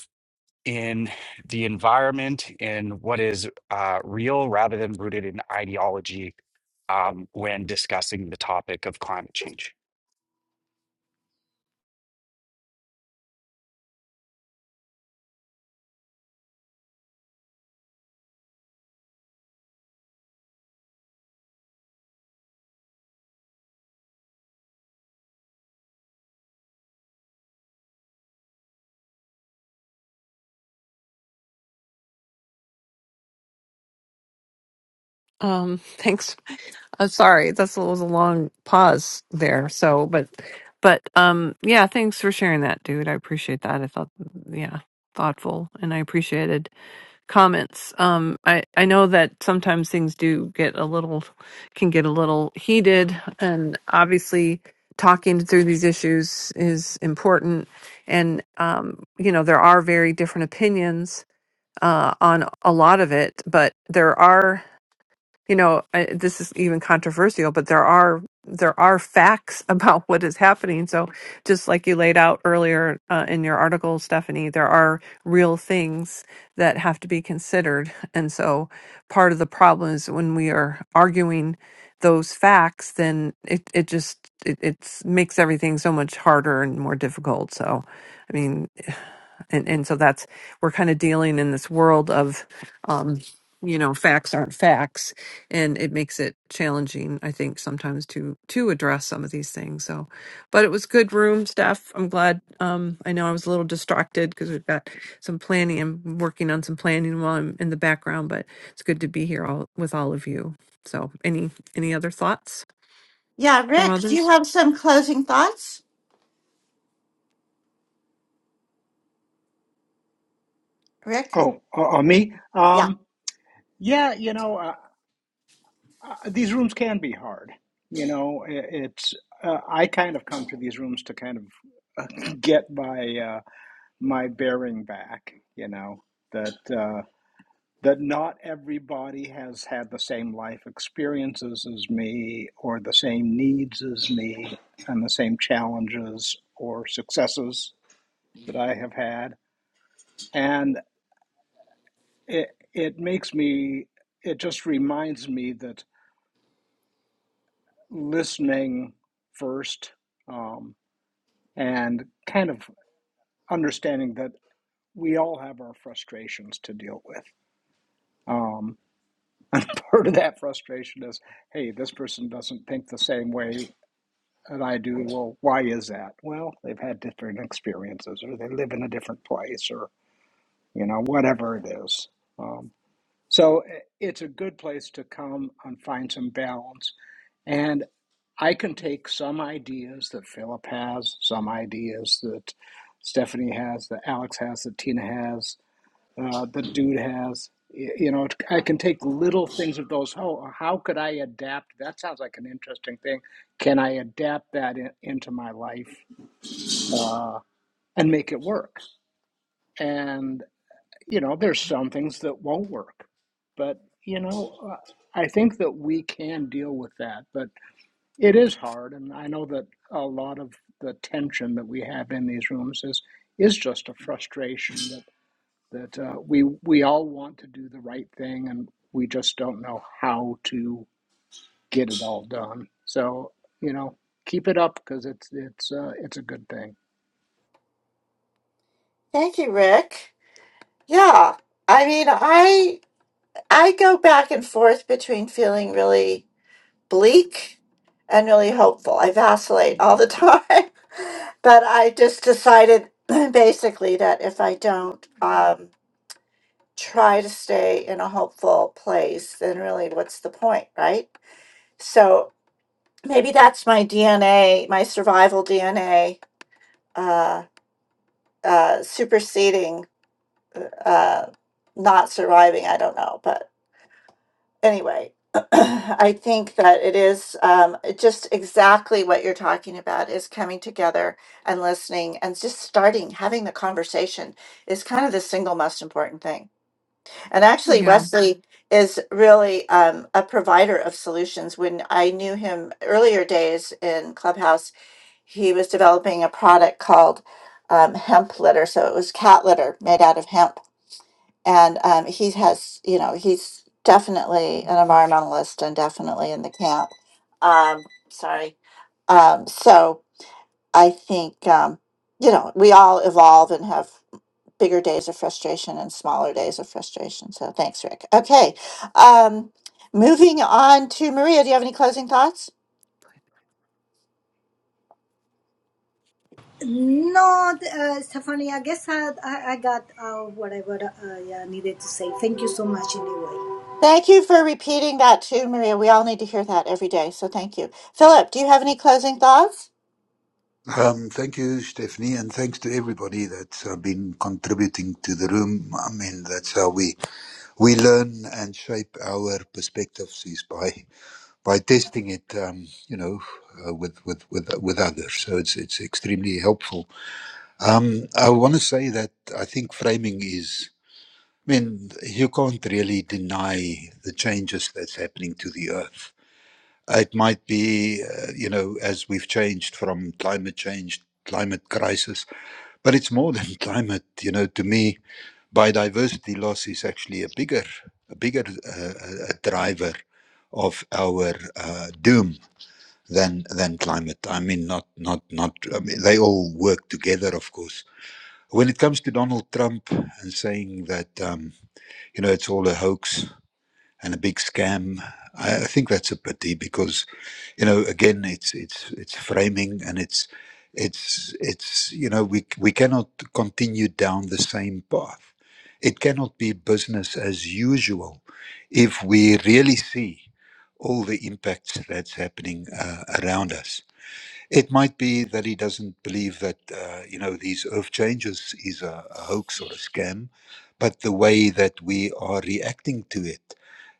Speaker 6: in the environment in what is uh, real rather than rooted in ideology um, when discussing the topic of climate change.
Speaker 3: Um, thanks. Uh, sorry, that's a, was a long pause there. So, but, but, um, yeah. Thanks for sharing that, dude. I appreciate that. I thought, yeah, thoughtful, and I appreciated. comments. Um, I I know that sometimes things do get a little can get a little heated, and obviously talking through these issues is important. And um, you know there are very different opinions uh, on a lot of it, but there are you know uh, this is even controversial but there are there are facts about what is happening so just like you laid out earlier uh, in your article stephanie there are real things that have to be considered and so part of the problem is when we are arguing those facts then it, it just it it's, makes everything so much harder and more difficult so i mean and, and so that's we're kind of dealing in this world of um, you know facts aren't facts and it makes it challenging i think sometimes to to address some of these things so but it was good room stuff i'm glad um i know i was a little distracted because we've got some planning i'm working on some planning while i'm in the background but it's good to be here all with all of you so any any other thoughts from others
Speaker 8: Oh, uh, uh, me? Um, yeah, you know, uh, uh, these rooms can be hard. You know, i it's uh, I kind of come to these rooms to kind of uh, get my uh, my bearing back. You know that. uh, that not everybody has had the same life experiences as me, or the same needs as me, and the same challenges or successes that I have had. And it, it makes me, it just reminds me that listening first um, and kind of understanding that we all have our frustrations to deal with. Um, and part of that frustration is hey, this person doesn't think the same way And I do, well, why is that? Well, they've had different experiences, or they live in a different place, or, you know, whatever it is. Um, so eh, it's a good place to come and find some balance. And I can take some ideas that Philip has, some ideas that Stephanie has, that Alex has, that Tina has, uh, the dude has. You know, I can take little things of those. How how could I adapt? That sounds like an interesting thing. Can I adapt that in, into my life uh, and make it work? And you know, there's some things that won't work, but you know, uh, I think that we can deal with that. But it is hard, and I know that a lot of the tension that we have in these rooms is is just a frustration that uh, we we all want to do the right thing and we just don't know how to get it all done. So you know, keep it up because it's it's uh, it's a good thing.
Speaker 2: Thank you, Rick. Yeah, I mean, I I go back and forth between feeling really bleak and really hopeful. I vacillate all the time, but I just decided basically that if I don't. Um, try to stay in a hopeful place, then really what's the point, right? So maybe that's my DNA, my survival DNA, uh, uh, superseding, uh, not surviving. I don't know. But anyway, I think that it is um, just exactly what you're talking about is coming together and listening and just starting having the conversation is kind of the single most important thing And actually, Wesley is really um, a provider of solutions. When I knew him earlier days in Clubhouse, he was developing a product called um, hemp litter. So it was cat litter made out of hemp. And um, he has, you know, he's definitely an environmentalist and definitely in the camp. Um, sorry. Um, so I think, um, you know, we all evolve and have bigger days of frustration and smaller days of frustration. So thanks, Rick. Okay. Um, moving on to Maria. Do you have any closing thoughts?
Speaker 7: No, uh, Stephanie, I guess I, I, I got uh, whatever uh, I needed to say. Thank you so much, anyway.
Speaker 2: Thank you for repeating that too, Maria. We all need to hear that every day. So thank you. Philip, do you have any closing thoughts?
Speaker 4: Um, thank you, Stephanie, and thanks to everybody that's uh, been contributing to the room. I mean, that's how we we learn and shape our perspectives is by by testing it, um, you know, uh, with with with with others. So it's it's extremely helpful. Um, I want to say that I think framing is. I mean, you can't really deny the changes that's happening to the earth. It might be, uh, you know, as we've changed from climate change, climate crisis but it's more than climate, you know. To me, biodiversity loss is actually a bigger, a bigger uh, uh, driver of our uh, doom than than climate. I mean, not not not. I mean, they all work together, of course. When it comes to Donald Trump and saying that, um, you know, it's all a hoax, and a big scam. I, I think that's a pity because, you know, again, it's it's it's framing and it's it's it's you know we we cannot continue down the same path. It cannot be business as usual if we really see all the impacts that's happening uh, around us. It might be that he doesn't believe that uh, you know these earth changes is a, a hoax or a scam, but the way that we are reacting to it,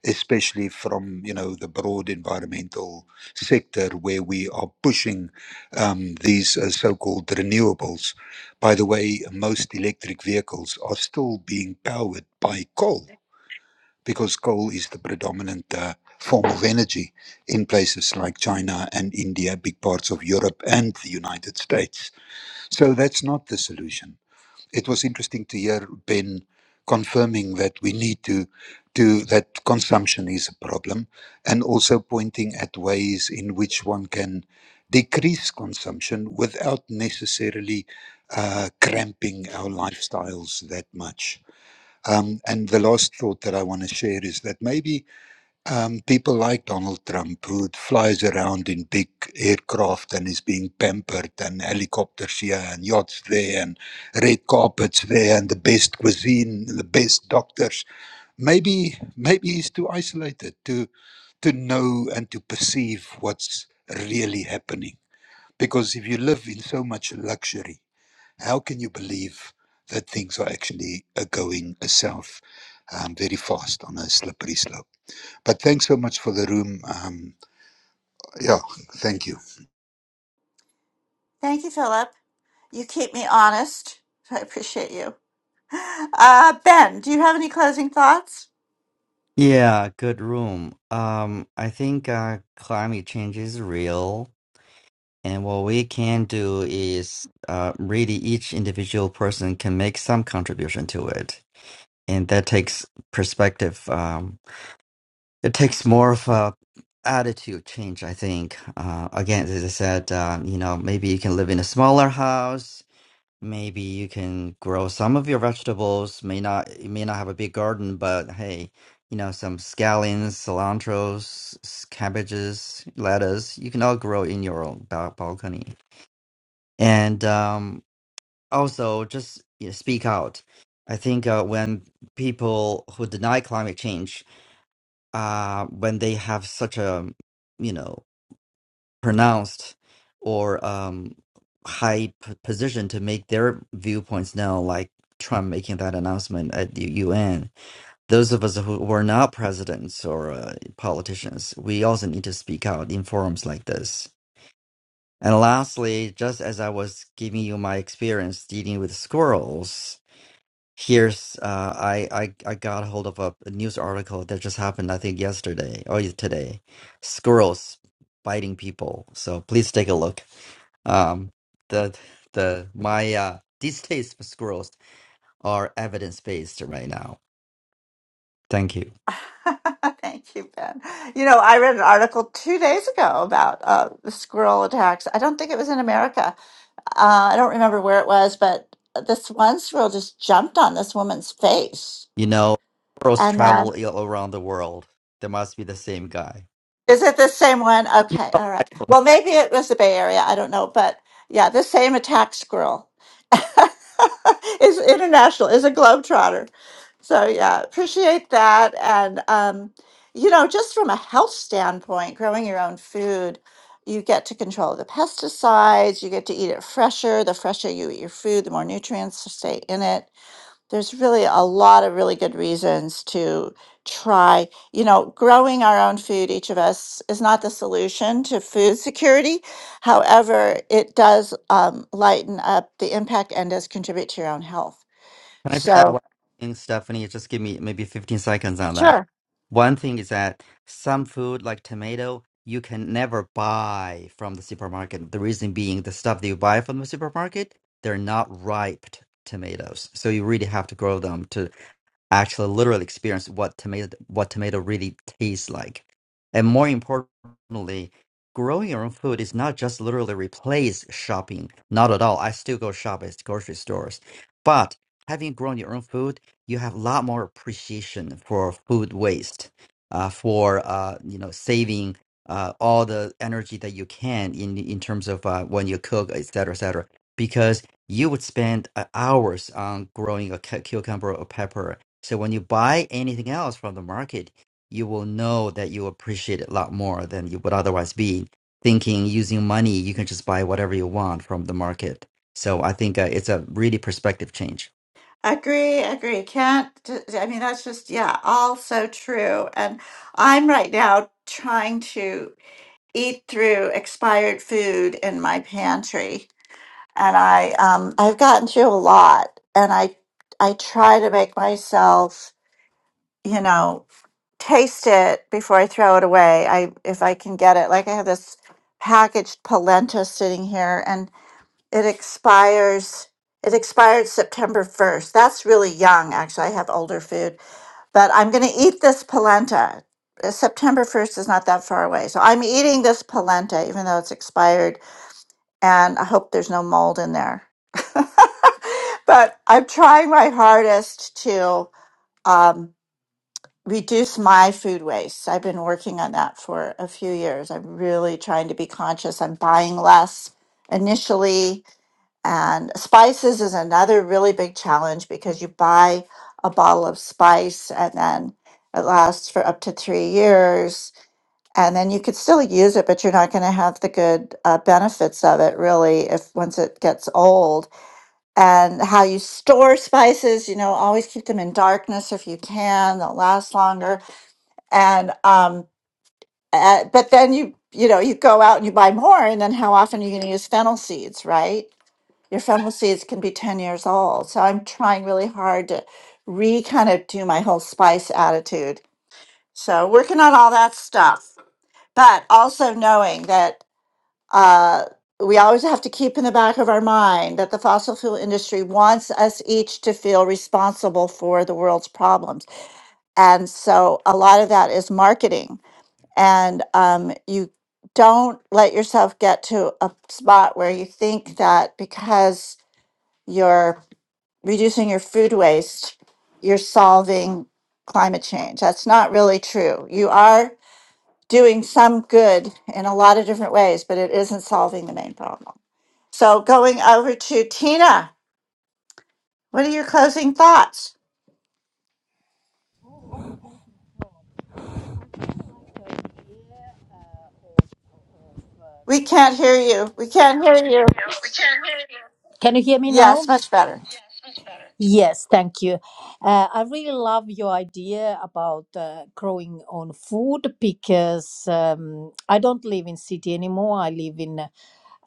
Speaker 4: especially from you know the broad environmental sector where we are pushing um, these uh, so-called renewables. By the way, most electric vehicles are still being powered by coal because coal is the predominant uh, form of energy in places like China and India, big parts of Europe and the United States. So that's not the solution. It was interesting to hear Ben confirming that we need to do that consumption is a problem and also pointing at ways in which one can decrease consumption without necessarily uh, cramping our lifestyles that much. Um, and the last thought that I want to share is that maybe um, people like Donald Trump, who flies around in big aircraft and is being pampered, and helicopters here, and yachts there, and red carpets there, and the best cuisine, the best doctors, maybe maybe he's too isolated to to know and to perceive what's really happening. Because if you live in so much luxury, how can you believe that things are actually uh, going uh, south um, very fast on a slippery slope? But thanks so much for the room. Um, yeah, thank you.
Speaker 2: Uh, ben, do you have any closing thoughts?
Speaker 9: Yeah, good room. Um, I think uh, climate change is real. And what we can do is uh, really each individual person can make some contribution to it. And that takes perspective. Um, it takes more of a attitude change, I think. Uh, again, as I said, um, you know, maybe you can live in a smaller house. Maybe you can grow some of your vegetables. May not, you may not have a big garden, but hey, you know, some scallions, cilantros, s- cabbages, lettuce, you can all grow in your own ba- balcony and um, also just you know, speak out. I think uh, when people who deny climate change, uh, when they have such a you know pronounced or um, high p- position to make their viewpoints known, like Trump making that announcement at the UN, those of us who were not presidents or uh, politicians, we also need to speak out in forums like this And lastly, just as I was giving you my experience dealing with squirrels, here's uh, I, I I got hold of a, a news article that just happened, I think yesterday or y- today. Squirrels biting people. So please take a look. Um, the the my uh, these days for squirrels are evidence based right now. Thank you.
Speaker 2: Thank you, Ben. You know, I read an article two days ago about uh, the squirrel attacks. I don't think it was in America. Uh, I don't remember where it was, but this one squirrel just jumped on this woman's face.
Speaker 9: You know, squirrels
Speaker 2: And then
Speaker 9: travel i- around the world. There must be the same guy.
Speaker 2: Is it the same one? Okay, all right. Well, maybe it was the Bay Area. I don't know, but yeah, the same attack squirrel is international. Is a globetrotter. So yeah, appreciate that. And um, you know, just from a health standpoint, growing your own food, you get to control the pesticides. You get to eat it fresher. The fresher you eat your food, the more nutrients stay in it there's really a lot of really good reasons to try you know growing our own food each of us is not the solution to food security however it does um, lighten up the impact and does contribute to your own health
Speaker 9: Can I just add
Speaker 2: so
Speaker 9: one thing, Stephanie? Just give me maybe 15 seconds on that. One thing is that some food, like tomato, you can never buy from the supermarket. The reason being, the stuff that you buy from the supermarket, they're not ripe t- tomatoes. So you really have to grow them to actually literally experience what tomato what tomato really tastes like. And more importantly, growing your own food is not just literally replace shopping. Not at all. I still go shop at grocery stores. But having grown your own food, you have a lot more appreciation for food waste, uh, for uh, you know, saving uh, all the energy that you can in in terms of uh, when you cook, et cetera, et cetera. Because you would spend uh, hours on growing a cu- cucumber or pepper so when you buy anything else from the market, you will know that you appreciate it a lot more than you would otherwise be thinking using money. You can just buy whatever you want from the market. So I think uh, it's a really perspective change.
Speaker 2: agree agree can't d- d- i mean that's just yeah all so true and i'm right now trying to eat through expired food in my pantry and I um I've gotten through a lot and I I try to make myself, you know, taste it before I throw it away. I if I can get it. Like I have this packaged polenta sitting here and it expires it expired September 1st. That's really young actually. I have older food, but I'm going to eat this polenta. Uh, September 1st is not that far away. So I'm eating this polenta even though it's expired and I hope there's no mold in there. but I'm trying my hardest to um, reduce my food waste. I've been working on that for a few years. I'm really trying to be conscious. I'm buying less initially, and spices is another really big challenge because you buy a bottle of spice and then it lasts for up to three years and then you could still use it, but you're not going to have the good uh, benefits of it really if once it gets old. And how you store spices, you know, always keep them in darkness if you can; they'll last longer. And um, uh, but then you you know you go out and you buy more, and then how often are you going to use fennel seeds, right? Your fennel seeds can be ten years old. So I'm trying really hard to re kind of do my whole spice attitude. So working on all that stuff but also knowing that uh, we always have to keep in the back of our mind that the fossil fuel industry wants us each to feel responsible for the world's problems. And so a lot of that is marketing. And um, you don't let yourself get to a spot where you think that because you're reducing your food waste, you're solving climate change. That's not really true. You are doing some good in a lot of different ways, but it isn't solving the main problem. So going over to Tina, what are your closing thoughts?
Speaker 1: uh,
Speaker 2: We
Speaker 1: growing
Speaker 2: can't hear
Speaker 1: on
Speaker 2: you. We
Speaker 1: food.
Speaker 2: can't.
Speaker 1: We can hear you. Can you hear me
Speaker 2: Yes,
Speaker 1: now?
Speaker 2: much better.
Speaker 1: Yes, thank you. Uh, I really love your idea about uh, growing on food because um, I don't live in city anymore. I live in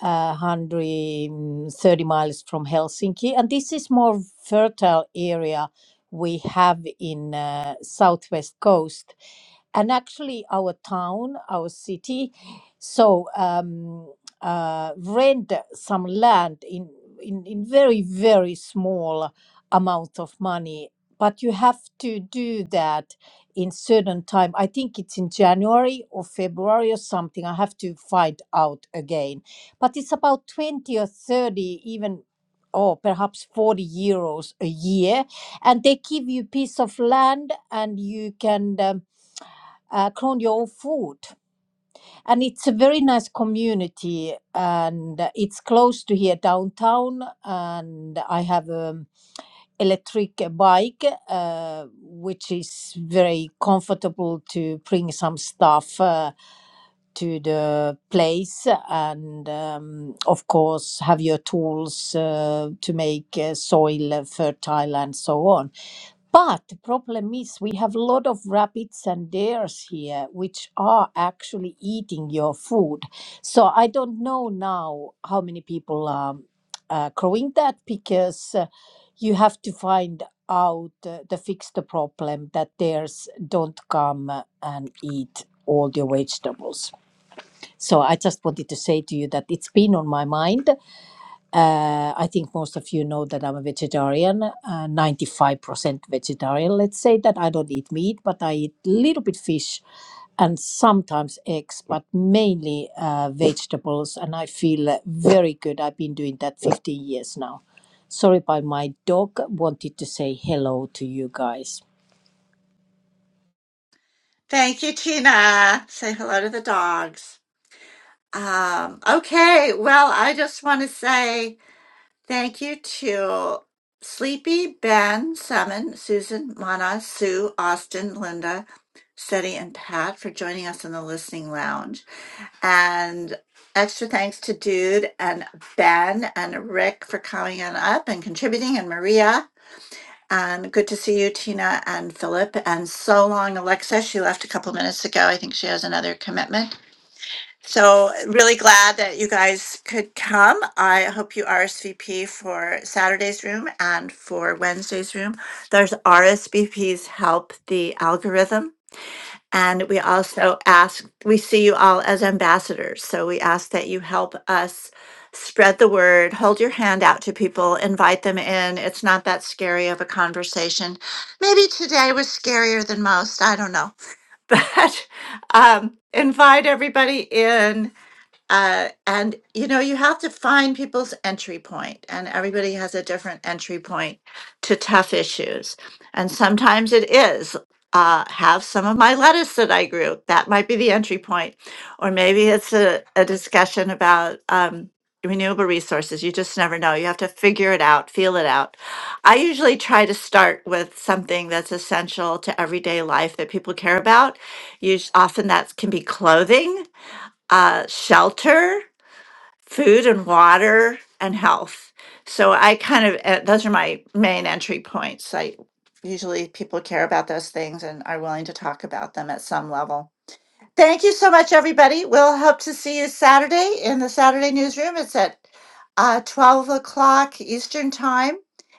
Speaker 1: uh, 130 miles from Helsinki. And this is more fertile area we have in uh, southwest coast and actually our town, our city. So um, uh, rent some land in, in, in very, very small amount of money. But you have to do that in certain time. I think it's in January or February or something. I have to find out again but it's about 20 or 30 even or perhaps 40 euros a year and they give you a piece of land and you can um, uh, grow your own food and it's a very nice community and uh, it's close to here downtown and i have a electric bike, uh, which is very comfortable to bring some stuff uh, to the place, and um, of course have your tools uh, to make uh, soil fertile and so on. But the problem is we have a lot of rabbits and deers here which are actually eating your food. So I don't know now how many people are uh, growing that because uh, you have to find out uh, to fix the problem that deers don't come uh, and eat all your vegetables. So I just wanted to say to you that it's been on my mind uh, I think most of you know that I'm a vegetarian, uh, 95% vegetarian. Let's say that I don't eat meat, but I eat a little bit fish and sometimes eggs, but mainly uh, vegetables. And I feel uh, very good. I've been doing that 15 years now. Sorry, but my dog wanted to say hello to you guys.
Speaker 2: Thank you, Tina. Say hello to the dogs. Um, okay, well, I just want to say thank you to Sleepy, Ben, Summon, Susan, Mana, Sue, Austin, Linda, Seti, and Pat for joining us in the listening lounge. And extra thanks to Dude and Ben and Rick for coming on up and contributing, and Maria. And good to see you, Tina and Philip. And so long, Alexa. She left a couple minutes ago. I think she has another commitment. So, really glad that you guys could come. I hope you RSVP for Saturday's room and for Wednesday's room. There's RSVPs help the algorithm and we also ask, we see you all as ambassadors. So we ask that you help us spread the word, hold your hand out to people, invite them in. It's not that scary of a conversation. Maybe today was scarier than most. I don't know. But um, invite everybody in uh, and you know, you have to find people's entry point, and everybody has a different entry point to tough issues. And sometimes it is uh, have some of my lettuce that I grew. That might be the entry point, or maybe it's a, a discussion about um, renewable resources. You just never know. You have to figure it out, feel it out. I usually try to start with something that's essential to everyday life that people care about. Us- often that can be clothing uh, shelter, food and water, and health. So I kind of, uh, those are my main entry points. I usually people care about those things and are willing to talk about them at some level. Thank you so much, everybody. We'll hope to see you Saturday in the Saturday newsroom. It's at uh, 12 o'clock Eastern Time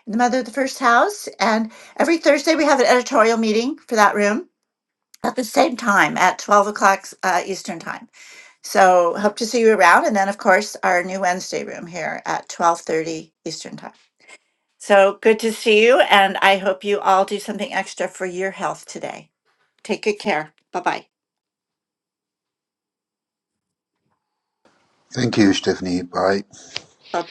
Speaker 2: in the Mother of the First House. And every Thursday, we have an editorial meeting for that room at the same time at 12 o'clock uh, Eastern Time. So hope to see you around. And then, of course, our new Wednesday room here at 1230 Eastern Time. So good to see you. And I hope you all do something extra for your health today. Take good care. Bye-bye.
Speaker 4: Thank you, Stephanie. Bye.
Speaker 2: Bye-bye.